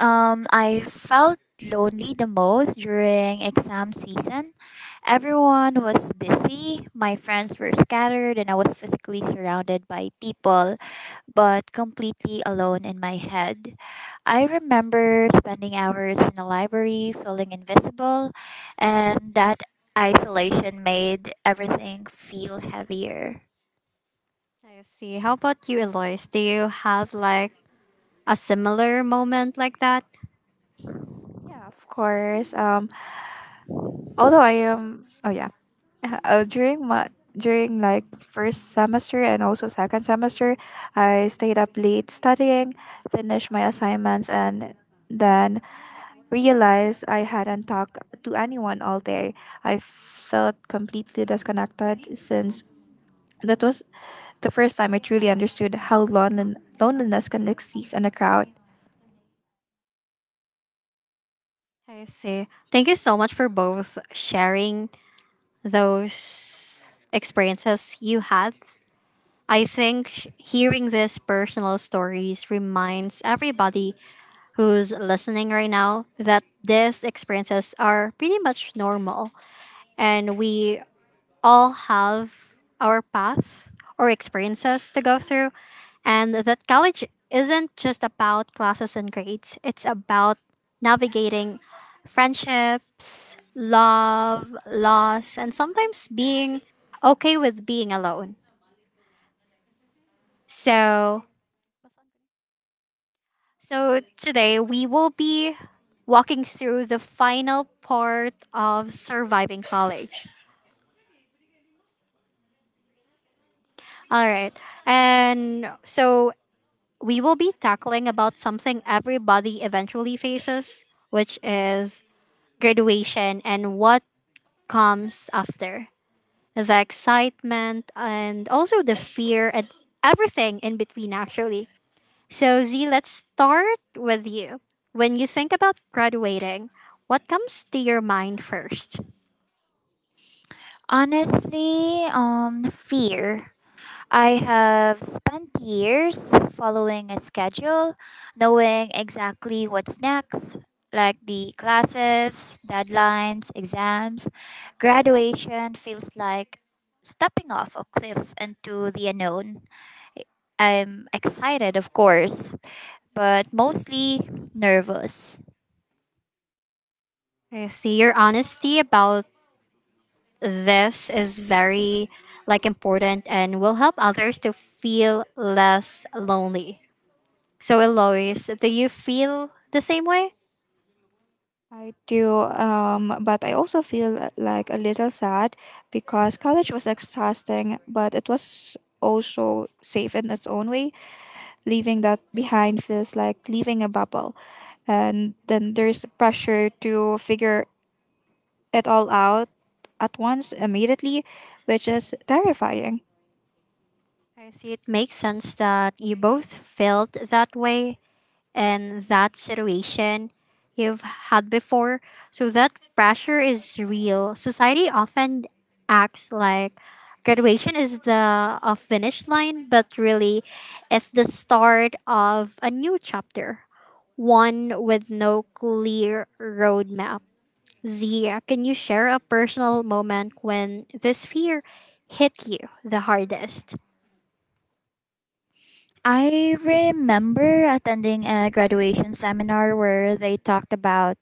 [SPEAKER 2] Um I felt lonely the most during exam season. Everyone was busy, my friends were scattered, and I was physically surrounded by people but completely alone in my head. I remember spending hours in the library feeling invisible, and that isolation made everything feel heavier.
[SPEAKER 1] I see. How about you, Eloise? Do you have like a similar moment like that.
[SPEAKER 3] Yeah, of course. Um, although I am, oh yeah, uh, during my during like first semester and also second semester, I stayed up late studying, finished my assignments, and then realized I hadn't talked to anyone all day. I felt completely disconnected since that was the first time I truly understood how lon- loneliness can exist in a crowd.
[SPEAKER 1] I see. Thank you so much for both sharing those experiences you had. I think sh- hearing these personal stories reminds everybody who's listening right now that these experiences are pretty much normal and we all have our path or experiences to go through, and that college isn't just about classes and grades, it's about navigating friendships, love, loss, and sometimes being okay with being alone. So, so today we will be walking through the final part of surviving college. All right. And so we will be tackling about something everybody eventually faces, which is graduation and what comes after. The excitement and also the fear and everything in between actually. So Z, let's start with you. When you think about graduating, what comes to your mind first?
[SPEAKER 2] Honestly, um, fear. I have spent years following a schedule, knowing exactly what's next, like the classes, deadlines, exams. Graduation feels like stepping off a cliff into the unknown. I'm excited, of course, but mostly nervous.
[SPEAKER 1] I see your honesty about this is very like important and will help others to feel less lonely. So, Eloise, do you feel the same way?
[SPEAKER 3] I do, um, but I also feel like a little sad because college was exhausting, but it was also safe in its own way. Leaving that behind feels like leaving a bubble. And then there's pressure to figure it all out at once immediately, which is terrifying.
[SPEAKER 1] I see it makes sense that you both felt that way in that situation you've had before. So, that pressure is real. Society often acts like graduation is the a finish line, but really, it's the start of a new chapter, one with no clear roadmap. Zia, can you share a personal moment when this fear hit you the hardest?
[SPEAKER 2] I remember attending a graduation seminar where they talked about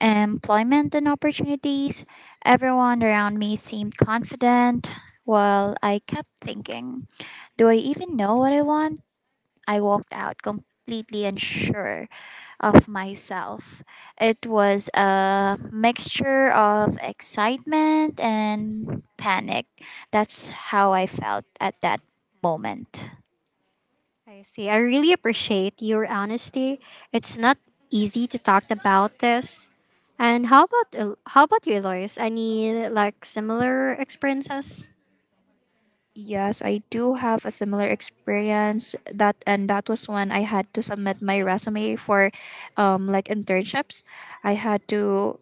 [SPEAKER 2] employment and opportunities. Everyone around me seemed confident, while I kept thinking, do I even know what I want? I walked out completely unsure of myself. It was a mixture of excitement and panic. That's how I felt at that moment.
[SPEAKER 1] I see. I really appreciate your honesty. It's not easy to talk about this. And how about El- how about you, Eloise? Any like similar experiences?
[SPEAKER 3] Yes, I do have a similar experience that and that was when I had to submit my resume for um like internships. I had to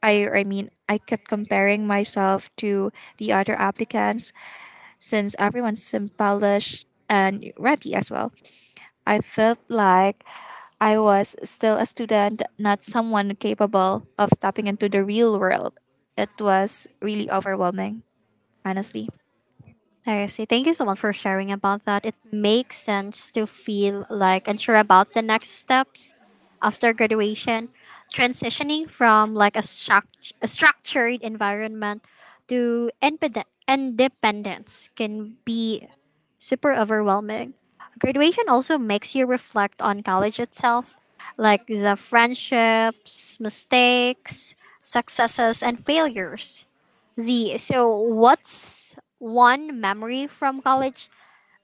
[SPEAKER 3] I I mean I kept comparing myself to the other applicants since everyone's polished and ready as well. I felt like I was still a student, not someone capable of stepping into the real world. It was really overwhelming, honestly.
[SPEAKER 1] I see. Thank you so much for sharing about that. It makes sense to feel like unsure about the next steps after graduation. Transitioning from like a, struct- a structured environment to independ- independence can be super overwhelming. Graduation also makes you reflect on college itself, like the friendships, mistakes, successes, and failures. Z, so what's one memory from college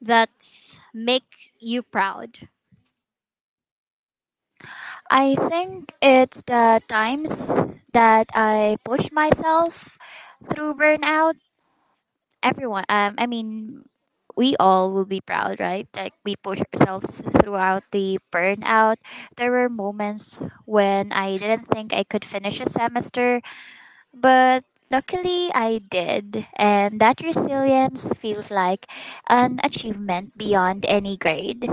[SPEAKER 1] that makes you proud?
[SPEAKER 2] I think it's the times that I push myself through burnout. Everyone, um, I mean, we all will be proud, right? Like we push ourselves throughout the burnout. There were moments when I didn't think I could finish a semester, but luckily I did. And that resilience feels like an achievement beyond any grade.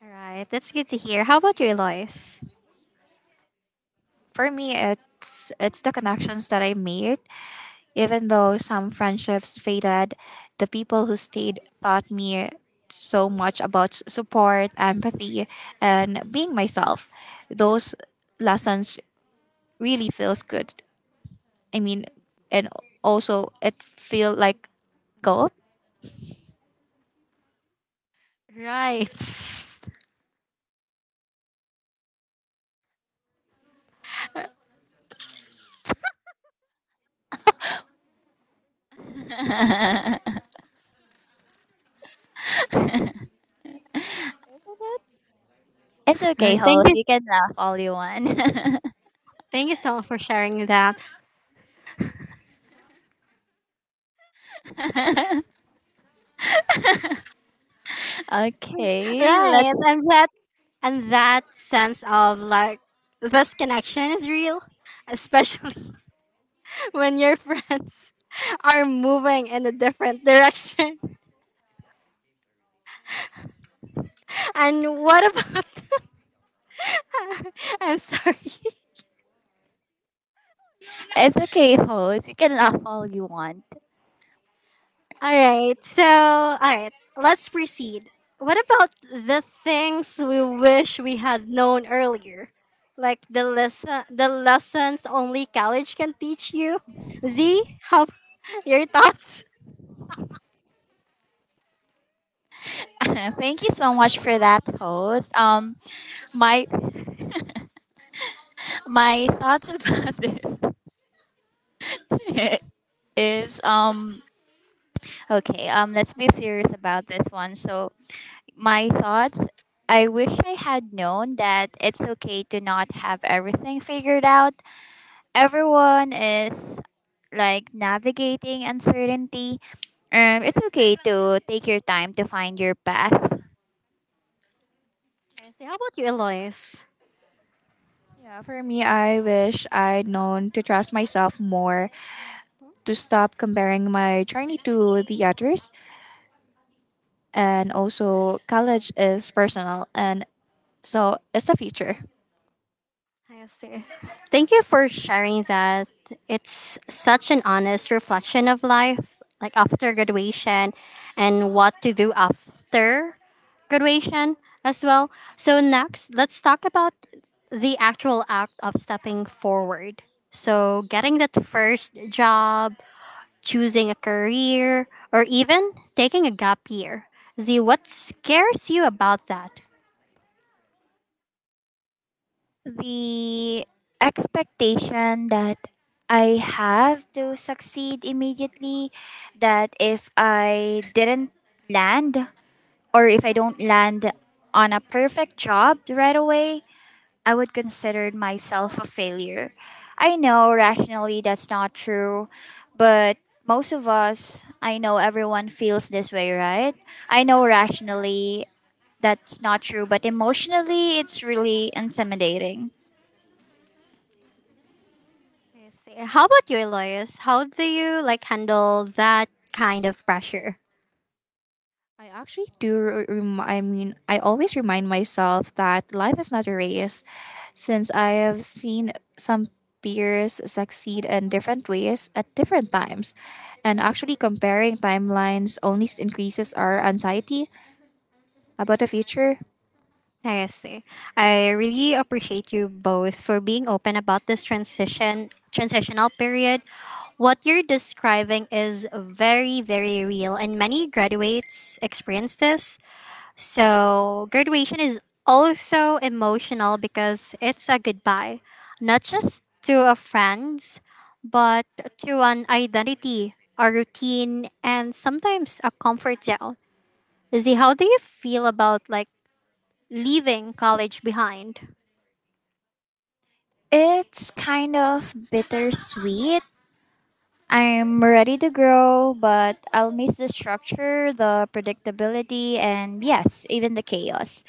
[SPEAKER 1] All right, that's good to hear. How about you, Lois?
[SPEAKER 3] For me, it's it's the connections that I made. Even though some friendships faded, the people who stayed taught me so much about s- support, empathy, and being myself. Those lessons really feels good. I mean, and also it feel like gold.
[SPEAKER 1] Right.
[SPEAKER 2] It's
[SPEAKER 1] All
[SPEAKER 2] okay,
[SPEAKER 1] right. Thank you.
[SPEAKER 2] host. You
[SPEAKER 1] s-
[SPEAKER 2] can laugh all you want.
[SPEAKER 1] Thank you so much for sharing that.
[SPEAKER 2] Okay,
[SPEAKER 1] Right,
[SPEAKER 2] let's.
[SPEAKER 1] and that and that sense of like this connection is real, especially when your friends are moving in a different direction. And what about? I'm sorry.
[SPEAKER 2] It's okay, host. You can laugh all you want.
[SPEAKER 1] All right. So, all right. Let's proceed. What about the things we wish we had known earlier? Like the lesson the lessons only college can teach you? Z, how your thoughts?
[SPEAKER 2] Thank you so much for that, host. Um, my my thoughts about this is um okay. Um, let's be serious about this one. So my thoughts. I wish I had known that it's okay to not have everything figured out. Everyone is like navigating uncertainty. Um, it's okay to take your time to find your path.
[SPEAKER 1] I say, how about you, Eloise?
[SPEAKER 3] Yeah, for me, I wish I'd known to trust myself more, to stop comparing my journey to the others. And also, college is personal, and so it's the future.
[SPEAKER 1] I see. Thank you for sharing that. It's such an honest reflection of life, like after graduation and what to do after graduation as well. So, next, let's talk about the actual act of stepping forward. So, getting that first job, choosing a career, or even taking a gap year. Z, what scares you about that?
[SPEAKER 2] The expectation that I have to succeed immediately, that if I didn't land or if I don't land on a perfect job right away, I would consider myself a failure. I know rationally that's not true, but most of us, I know everyone feels this way, right? I know rationally that's not true, but emotionally it's really intimidating.
[SPEAKER 1] I see. How about you, Elias? How do you like handle that kind of pressure?
[SPEAKER 3] I actually do, re- rem- I mean, I always remind myself that life is not a race. Since I have seen some peers succeed in different ways at different times, and actually comparing timelines only increases our anxiety about the future.
[SPEAKER 1] I see. I really appreciate you both for being open about this transition transitional period. What you're describing is very, very real and many graduates experience this. So, graduation is also emotional because it's a goodbye, not just to a friends, but to an identity, a routine, and sometimes a comfort zone. Lizzie, how do you feel about like leaving college behind?
[SPEAKER 2] It's kind of bittersweet. I'm ready to grow, but I'll miss the structure, the predictability, and yes, even the chaos.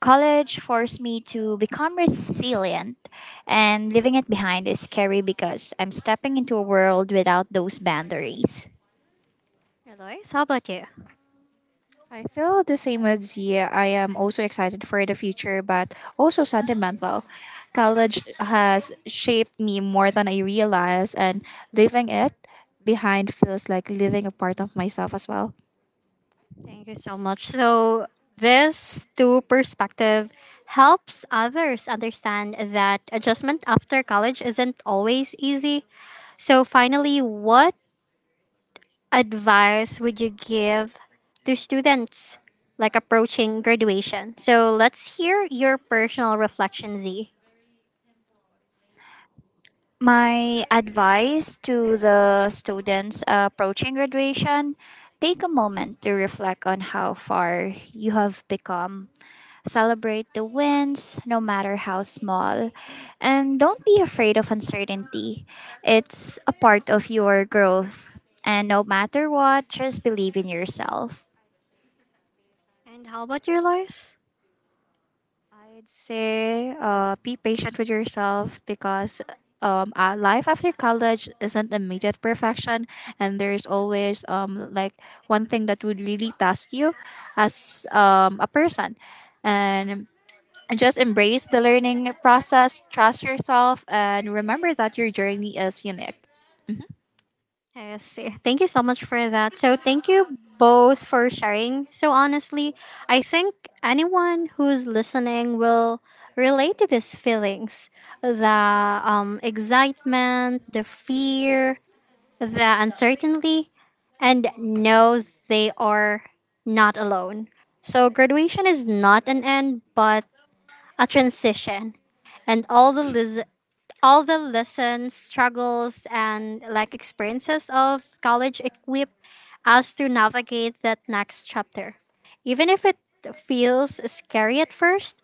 [SPEAKER 2] College forced me to become resilient, and leaving it behind is scary because I'm stepping into a world without those boundaries.
[SPEAKER 1] Eloise, how about you?
[SPEAKER 3] I feel the same as you. I am also excited for the future, but also sentimental. College has shaped me more than I realized, and leaving it behind feels like leaving a part of myself as well.
[SPEAKER 1] Thank you so much. So this two perspective helps others understand that adjustment after college isn't always easy. So finally, what advice would you give to students like approaching graduation? So let's hear your personal reflection, Z.
[SPEAKER 2] My advice to the students approaching graduation: take a moment to reflect on how far you have become. Celebrate the wins, no matter how small. And don't be afraid of uncertainty. It's a part of your growth. And no matter what, just believe in yourself.
[SPEAKER 1] And how about your Lois?
[SPEAKER 3] I'd say uh, be patient with yourself because um, uh, life after college isn't immediate perfection, and there's always um, like one thing that would really task you as um, a person. And just embrace the learning process, trust yourself, and remember that your journey is unique.
[SPEAKER 1] Yes, eh, thank you so much for that. So thank you both for sharing. So honestly, I think anyone who's listening will relate to these feelings, the um, excitement, the fear, the uncertainty, and know they are not alone. So, graduation is not an end, but a transition. And all the, lis- all the lessons, struggles, and like experiences of college equip us to navigate that next chapter, even if it feels scary at first.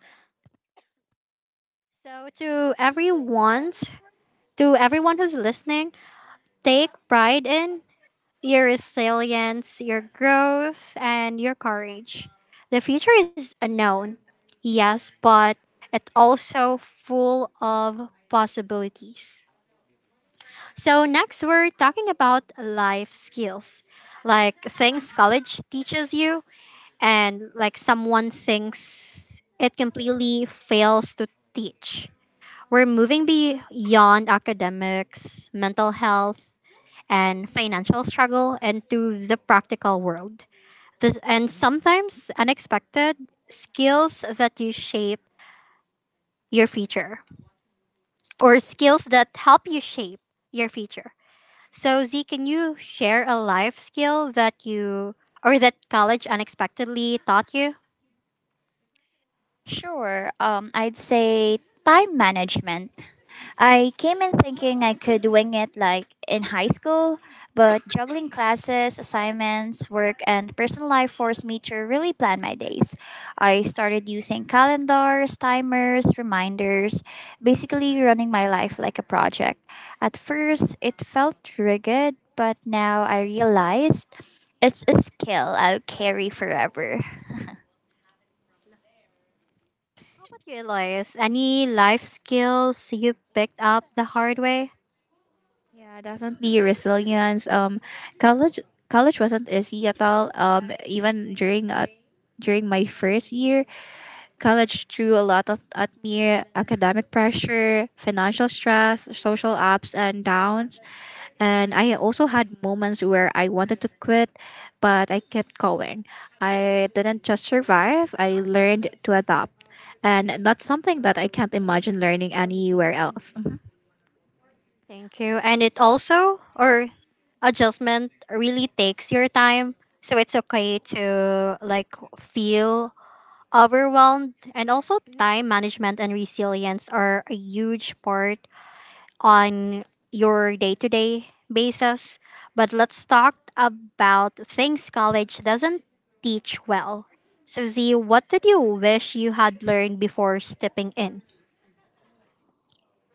[SPEAKER 1] So to everyone, to everyone who's listening, take pride in your resilience, your growth, and your courage. The future is unknown, yes, but it's also full of possibilities. So, next, we're talking about life skills like things college teaches you, and like someone thinks it completely fails to teach. We're moving beyond academics, mental health, and financial struggle into the practical world. This, and sometimes unexpected skills that you shape your future or skills that help you shape your future. So, Z, can you share a life skill that you or that college unexpectedly taught you?
[SPEAKER 2] Sure, um, I'd say time management. I came in thinking I could wing it like in high school, but juggling classes, assignments, work, and personal life forced me to really plan my days. I started using calendars, timers, reminders, basically running my life like a project. At first, it felt rigid, but now I realized it's a skill I'll carry forever.
[SPEAKER 1] How about you, Elias? Any life skills you picked up the hard way?
[SPEAKER 3] Yeah, definitely resilience. Um, college college wasn't easy at all. Um, even during uh, during my first year, college threw a lot of at me academic pressure, financial stress, social ups and downs. And I also had moments where I wanted to quit, but I kept going. I didn't just survive, I learned to adapt. And that's something that I can't imagine learning anywhere else. Mhm.
[SPEAKER 1] Thank you. And it also or adjustment really takes your time. So it's okay to like feel overwhelmed and also time management and resilience are a huge part on your day-to-day basis. But let's talk about things college doesn't teach well. So Z, what did you wish you had learned before stepping in?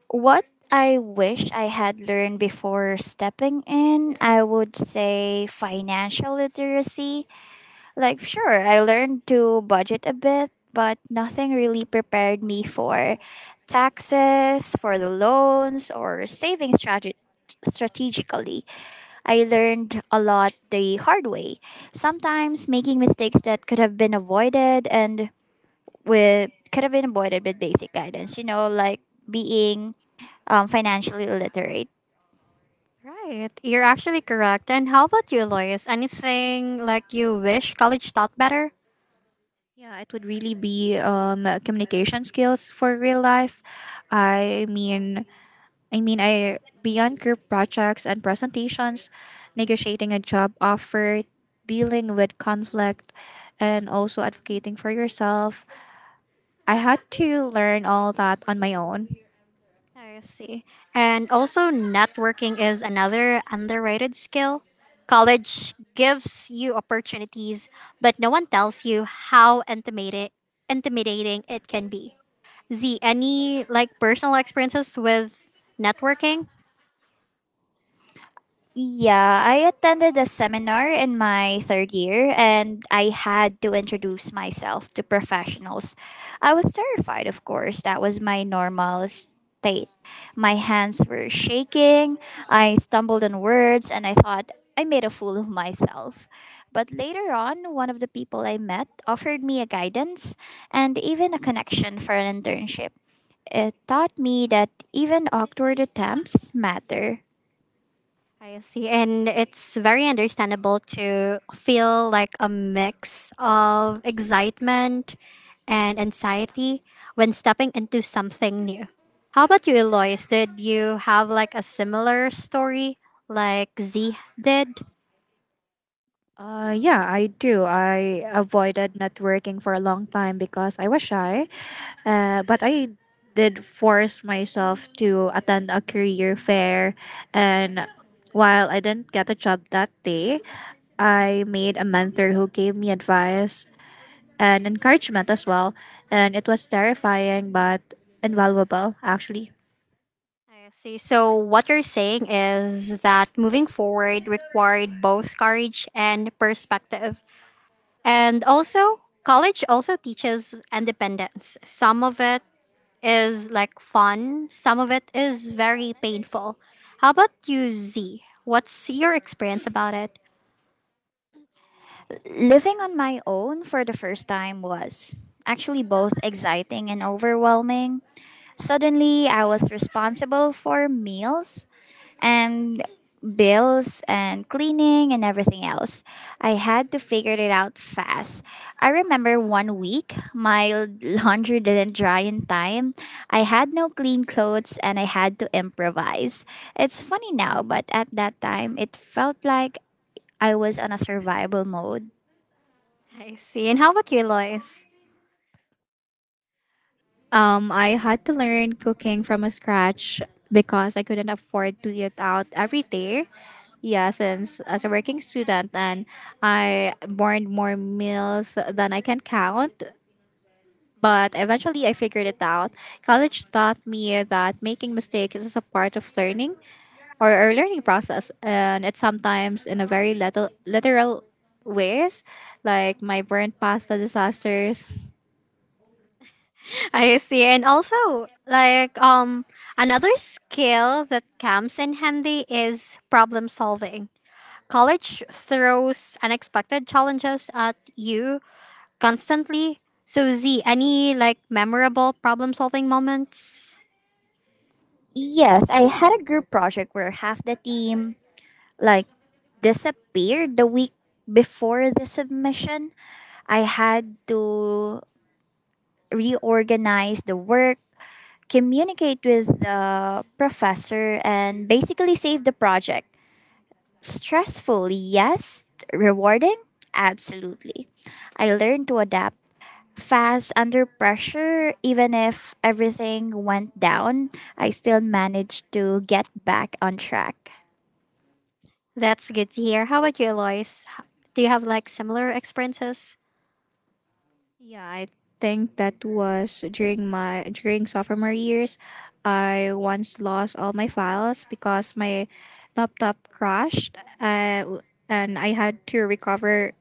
[SPEAKER 2] What I wish I had learned before stepping in, I would say financial literacy. Like, sure, I learned to budget a bit, but nothing really prepared me for taxes, for the loans, or saving strate- strategically. I learned a lot the hard way, sometimes making mistakes that could have been avoided, and with could have been avoided with basic guidance. You know, like being um, financially illiterate.
[SPEAKER 1] Right. You're actually correct. And how about you, Lois? Anything like you wish college taught better?
[SPEAKER 3] Yeah, it would really be um, communication skills for real life. I mean, I mean, I beyond group projects and presentations, negotiating a job offer, dealing with conflict, and also advocating for yourself. I had to learn all that on my own.
[SPEAKER 1] I see. And also, networking is another underrated skill. College gives you opportunities, but no one tells you how intimidate, intimidating it can be. Z, any like personal experiences with networking?
[SPEAKER 2] Yeah, I attended a seminar in my third year and I had to introduce myself to professionals. I was terrified, of course. That was my normal state. My hands were shaking. I stumbled on words and I thought I made a fool of myself. But later on, one of the people I met offered me a guidance and even a connection for an internship. It taught me that even awkward attempts matter.
[SPEAKER 1] I see. And it's very understandable to feel like a mix of excitement and anxiety when stepping into something new. How about you, Eloise? Did you have like a similar story like Z did?
[SPEAKER 3] Uh, yeah, I do. I avoided networking for a long time because I was shy. Uh, but I did force myself to attend a career fair. And while I didn't get a job that day, I made a mentor who gave me advice and encouragement as well. And it was terrifying but invaluable, actually.
[SPEAKER 1] I see. So, what you're saying is that moving forward required both courage and perspective. And also, college also teaches independence. Some of it is like fun, some of it is very painful. How about you, Z? What's your experience about it?
[SPEAKER 2] Living on my own for the first time was actually both exciting and overwhelming. Suddenly, I was responsible for meals and bills and cleaning and everything else. I had to figure it out fast. I remember one week my laundry didn't dry in time. I had no clean clothes and I had to improvise. It's funny now, but at that time, it felt like I was on a survival mode.
[SPEAKER 1] I see. And how about you, Lois?
[SPEAKER 3] Um, I had to learn cooking from a scratch because I couldn't afford to eat out every day. Yeah, since as a working student, and I burned more meals than I can count. But eventually, I figured it out. College taught me that making mistakes is a part of learning or a learning process, and it's sometimes in a very little literal ways, like my burnt pasta disasters.
[SPEAKER 1] I see. And also, like um another skill that comes in handy is problem solving. College throws unexpected challenges at you constantly. So Z, any like memorable problem solving moments?
[SPEAKER 2] Yes, I had a group project where half the team like disappeared the week before the submission. I had to reorganize the work, communicate with the professor, and basically save the project. Stressful, yes, rewarding, absolutely. I learned to adapt fast under pressure. Even if everything went down, I still managed to get back on track.
[SPEAKER 1] That's good to hear. How about you, Eloise? H- Do you have like similar experiences?
[SPEAKER 3] Yeah, I think that was during my during sophomore years. I once lost all my files because my laptop crashed, uh, and I had to recover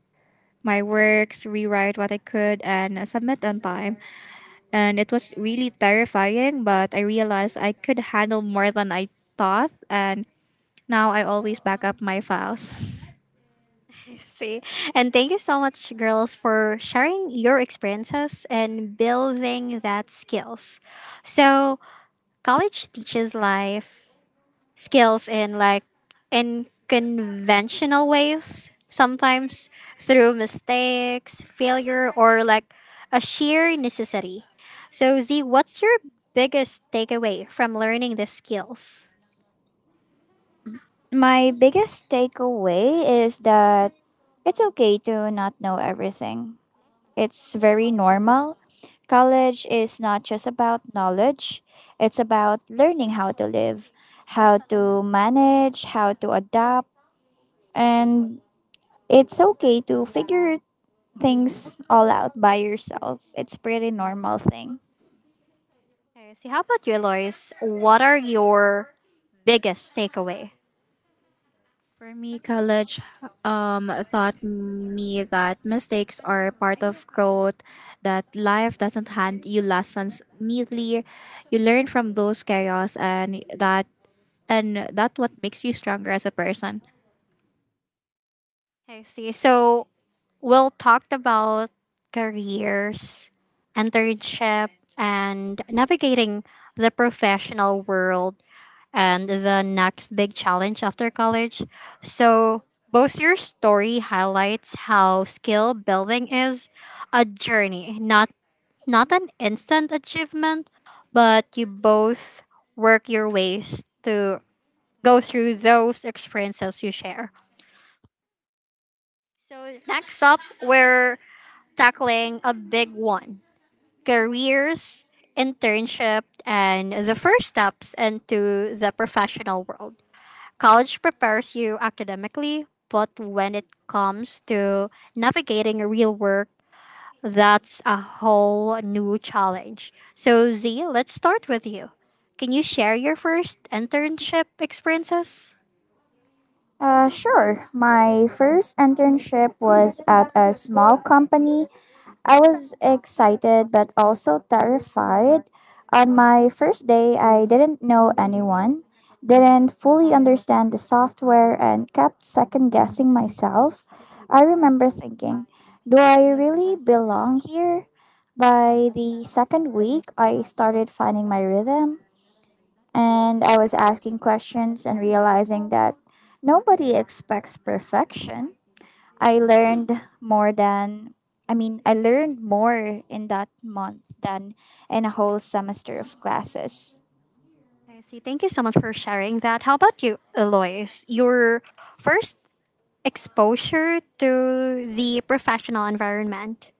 [SPEAKER 3] my works, rewrite what I could, and submit on time. And it was really terrifying, but I realized I could handle more than I thought, and now I always back up my files.
[SPEAKER 1] I see. And thank you so much, girls, for sharing your experiences and building that skills. So, college teaches life skills in like in conventional ways, sometimes through mistakes, failure, or like a sheer necessity. So, Z, what's your biggest takeaway from learning the skills?
[SPEAKER 2] My biggest takeaway is that it's okay to not know everything. It's very normal. College is not just about knowledge, it's about learning how to live, how to manage, how to adapt. And it's okay to figure things all out by yourself. It's pretty normal thing.
[SPEAKER 1] Okay, see, how about you, Lois? What are your biggest takeaway?
[SPEAKER 3] For me, college um, taught me that mistakes are part of growth, that life doesn't hand you lessons neatly. You learn from those chaos and that and that what makes you stronger as a person.
[SPEAKER 1] Okay, see, so we'll talked about careers, internship, and navigating the professional world and the next big challenge after college. So both your story highlights how skill building is a journey, not not an instant achievement, but you both work your ways to go through those experiences you share. So, next up, we're tackling a big one: careers, internship, and the first steps into the professional world. College prepares you academically, but when it comes to navigating real work, that's a whole new challenge. So, Z, let's start with you. Can you share your first internship experiences?
[SPEAKER 2] Uh, sure. My first internship was at a small company. I was excited but also terrified. On my first day, I didn't know anyone, didn't fully understand the software, and kept second guessing myself. I remember thinking, do I really belong here? By the second week, I started finding my rhythm and I was asking questions and realizing that nobody expects perfection. I learned more than I mean, I learned more in that month than in a whole semester of classes.
[SPEAKER 1] I see. Thank you so much for sharing that. How about you, Eloise? Your first exposure to the professional environment?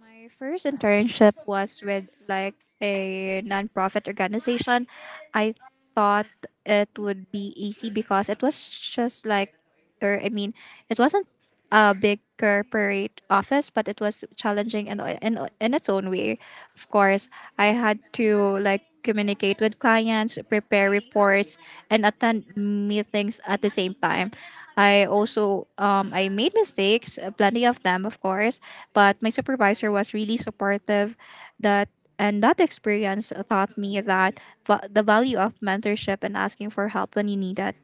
[SPEAKER 3] My first internship was with like a nonprofit organization. I thought it would be easy because it was just like or I mean, it wasn't a big corporate office, but it was challenging in in, in its own way. Of course, I had to like communicate with clients, prepare reports, and attend meetings at the same time. I also um, I made mistakes, uh, plenty of them, of course, but my supervisor was really supportive. That and that experience taught me that va- the value of mentorship and asking for help when you need it.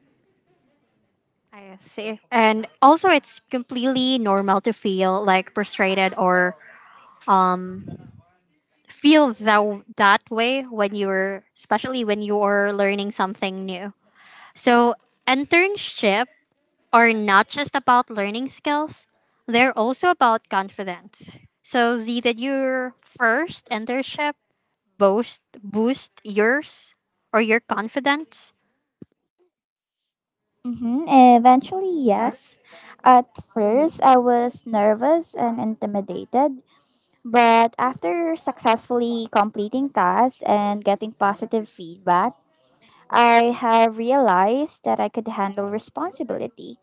[SPEAKER 1] I see. And also, it's completely normal to feel like frustrated or feel that, that way when you're, especially when you're learning something new. So, internship are not just about learning skills, they're also about confidence. So, Z, did your first internship boost boost yours or your confidence?
[SPEAKER 2] Mm-hmm. Eventually, yes. At first, I was nervous and intimidated, but after successfully completing tasks and getting positive feedback, I have realized that I could handle responsibility.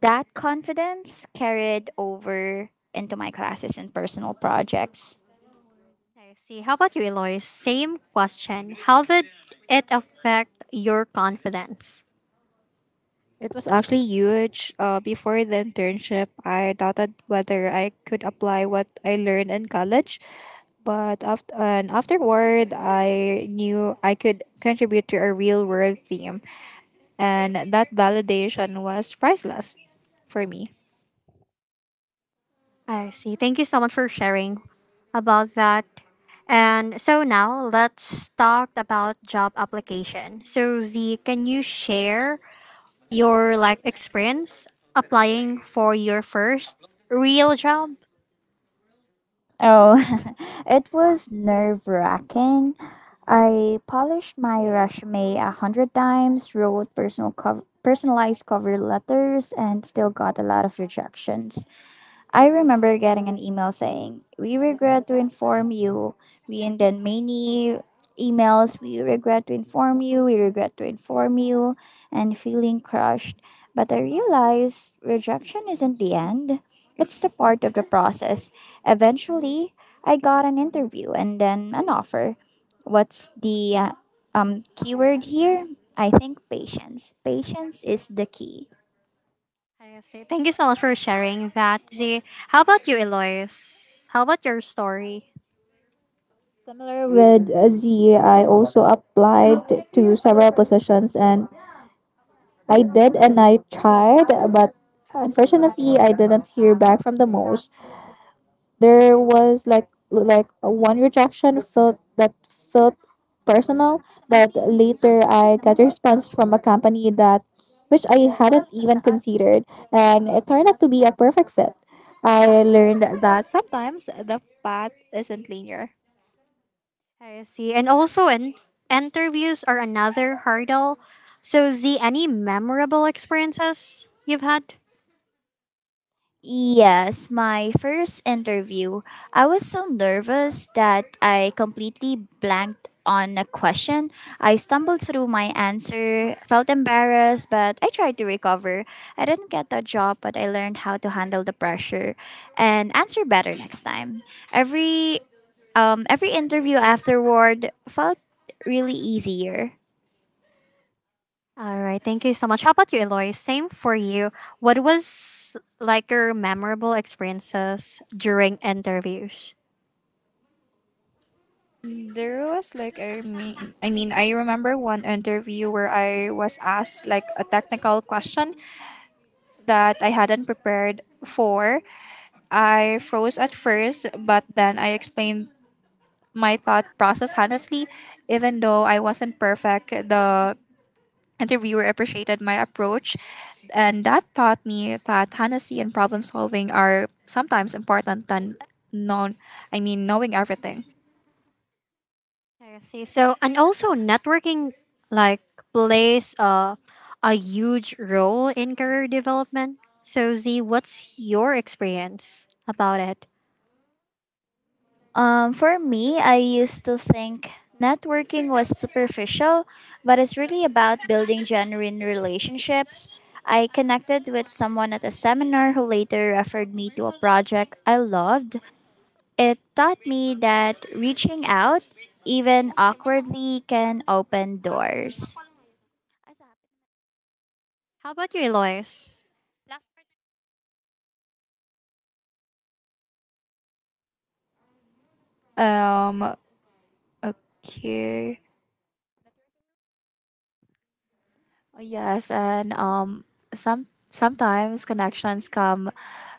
[SPEAKER 2] That confidence carried over into my classes and personal projects.
[SPEAKER 1] I see. How about you, Eloise? Same question. How did it affect your confidence?
[SPEAKER 3] It was actually huge. Uh, before the internship, I doubted whether I could apply what I learned in college, but after and afterward, I knew I could contribute to a real world theme. And that validation was priceless for me.
[SPEAKER 1] I see. Thank you so much for sharing about that. And so now let's talk about job application. So Z, can you share your like experience applying for your first real job?
[SPEAKER 2] Oh, it was nerve wracking. I polished my resume a hundred times, wrote personal cov- personalized cover letters, and still got a lot of rejections. I remember getting an email saying, "We regret to inform you." We, and then many emails, "We regret to inform you, we regret to inform you," and feeling crushed. But I realized rejection isn't the end, it's the part of the process. Eventually, I got an interview and then an offer. What's the uh, um, keyword here? I think patience. Patience is the key.
[SPEAKER 1] I see. Thank you so much for sharing that, Z. How about you, Eloise? How about your story?
[SPEAKER 3] Similar with uh, Z, I also applied to several positions and I did and I tried, but unfortunately, I didn't hear back from the most. There was like like one rejection felt that felt personal, but later I got a response from a company that which I hadn't even considered, and it turned out to be a perfect fit. I learned that sometimes the path isn't linear.
[SPEAKER 1] I see. And also, in- interviews are another hurdle. So, Z, any memorable experiences you've had?
[SPEAKER 2] Yes, my first interview, I was so nervous that I completely blanked on a question. I stumbled through my answer, felt embarrassed, but I tried to recover. I didn't get the job, but I learned how to handle the pressure and answer better next time. Every um every interview afterward felt really easier.
[SPEAKER 1] All right. Thank you so much. How about you, Eloise? Same for you. What was like your memorable experiences during interviews?
[SPEAKER 3] There was like I mean, I mean I remember one interview where I was asked like a technical question that I hadn't prepared for. I froze at first, but then I explained my thought process honestly. Even though I wasn't perfect, the interviewer appreciated my approach. And that taught me that honesty and problem solving are sometimes important than known I mean knowing everything.
[SPEAKER 1] I see. So, and also networking like plays a, a huge role in career development. So, Z, what's your experience about it?
[SPEAKER 2] Um, for me, I used to think networking was superficial, but it's really about building genuine relationships. I connected with someone at a seminar who later referred me to a project I loved. It taught me that reaching out, even awkwardly, can open doors.
[SPEAKER 1] How about you, Eloise? I
[SPEAKER 3] Um okay. Oh, yes, and um, some sometimes connections come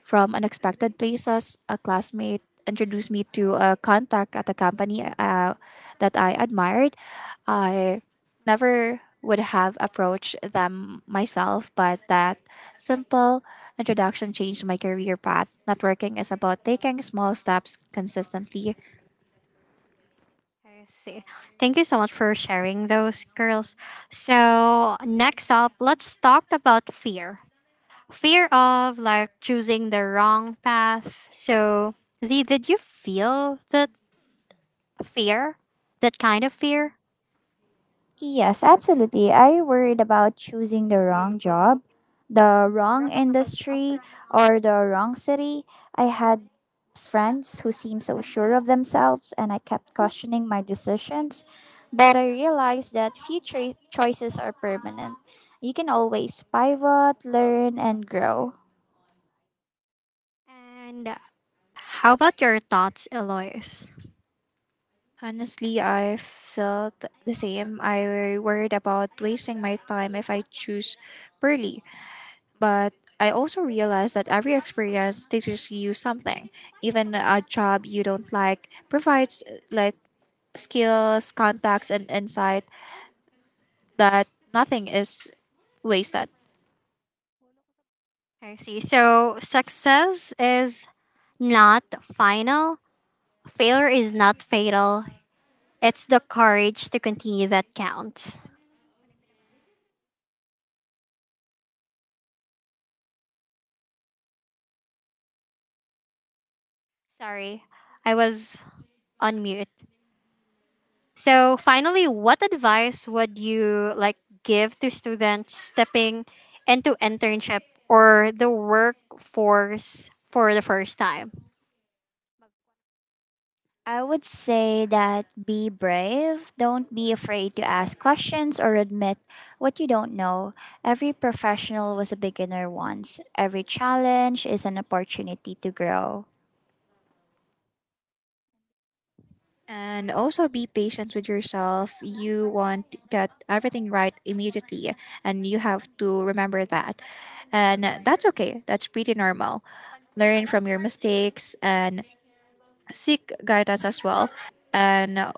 [SPEAKER 3] from unexpected places. A classmate introduced me to a contact at a company uh, that I admired. I never would have approached them myself, but that simple introduction changed my career path. Networking is about taking small steps consistently.
[SPEAKER 1] see. Thank you so much for sharing those, girls. So, next up, let's talk about fear. Fear of like choosing the wrong path. So, Z, did you feel that fear? That kind of fear?
[SPEAKER 2] Yes, absolutely. Are you worried about choosing the wrong job, the wrong industry, or the wrong city? I had friends who seemed so sure of themselves, and I kept questioning my decisions. But I realized that future choices are permanent. You can always pivot, learn, and grow.
[SPEAKER 1] And how about your thoughts, Eloise?
[SPEAKER 3] Honestly, I felt the same. I worried about wasting my time if I choose poorly, but I also realized that every experience teaches you something. Even a job you don't like provides uh, like skills, contacts, and insight that nothing is wasted.
[SPEAKER 1] I see. So success is not final, failure is not fatal. It's the courage to continue that counts. Sorry, I was on mute. So finally, what advice would you like give to students stepping into internship or the workforce for the first time?
[SPEAKER 2] I would say that be brave. Don't be afraid to ask questions or admit what you don't know. Every professional was a beginner once. Every challenge is an opportunity to grow.
[SPEAKER 3] And also be patient with yourself. You won't get everything right immediately. And you have to remember that. And that's okay. That's pretty normal. Learn from your mistakes and seek guidance as well. And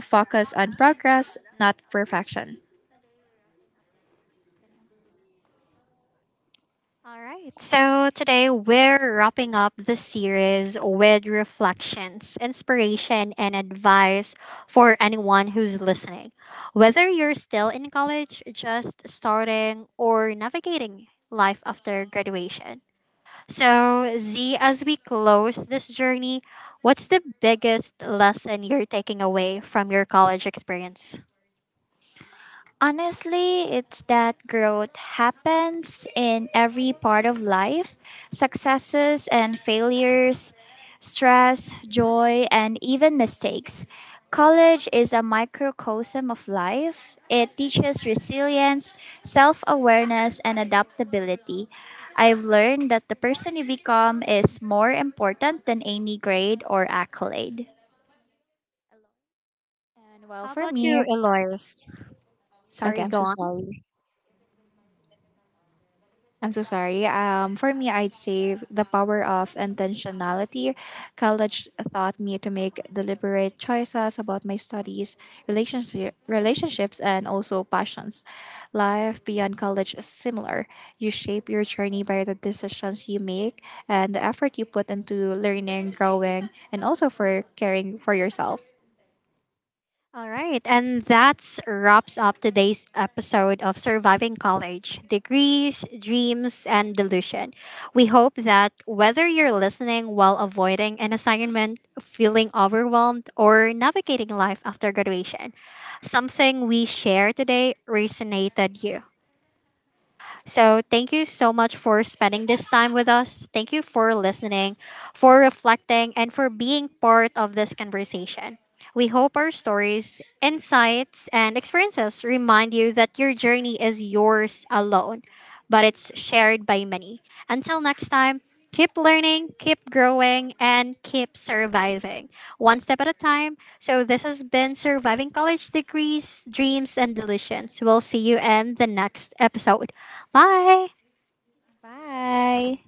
[SPEAKER 3] focus on progress, not perfection.
[SPEAKER 1] All right. So today we're wrapping up the series with reflections, inspiration, and advice for anyone who's listening, whether you're still in college, just starting, or navigating life after graduation. So, Z, as we close this journey, what's the biggest lesson you're taking away from your college experience?
[SPEAKER 2] Honestly, it's that growth happens in every part of life: successes and failures, stress, joy, and even mistakes. College is a microcosm of life. It teaches resilience, self awareness, and adaptability. I've learned that the person you become is more important than any grade or accolade.
[SPEAKER 3] And well,
[SPEAKER 1] How
[SPEAKER 3] for
[SPEAKER 1] about you,
[SPEAKER 3] me,
[SPEAKER 1] Eloise?
[SPEAKER 3] okay,
[SPEAKER 1] Sorry,
[SPEAKER 3] I'm
[SPEAKER 1] go
[SPEAKER 3] so
[SPEAKER 1] on.
[SPEAKER 3] sorry. I'm so sorry. Um, for me, I'd say the power of intentionality. College taught me to make deliberate choices about my studies, relationship, relationships, and also passions. Life beyond college is similar. You shape your journey by the decisions you make and the effort you put into learning, growing, and also for caring for yourself.
[SPEAKER 1] All right, and that's wraps up today's episode of Surviving College Degrees, Dreams, and Delusion. We hope that whether you're listening while avoiding an assignment, feeling overwhelmed, or navigating life after graduation, something we share today resonated you. So, thank you so much for spending this time with us. Thank you for listening, for reflecting, and for being part of this conversation. We hope our stories, insights, and experiences remind you that your journey is yours alone but it's shared by many. Until next time, keep learning, keep growing, and keep surviving one step at a time. So, this has been Surviving College Degrees, Dreams, and Delusions. We'll see you in the next episode. Bye.
[SPEAKER 2] Bye!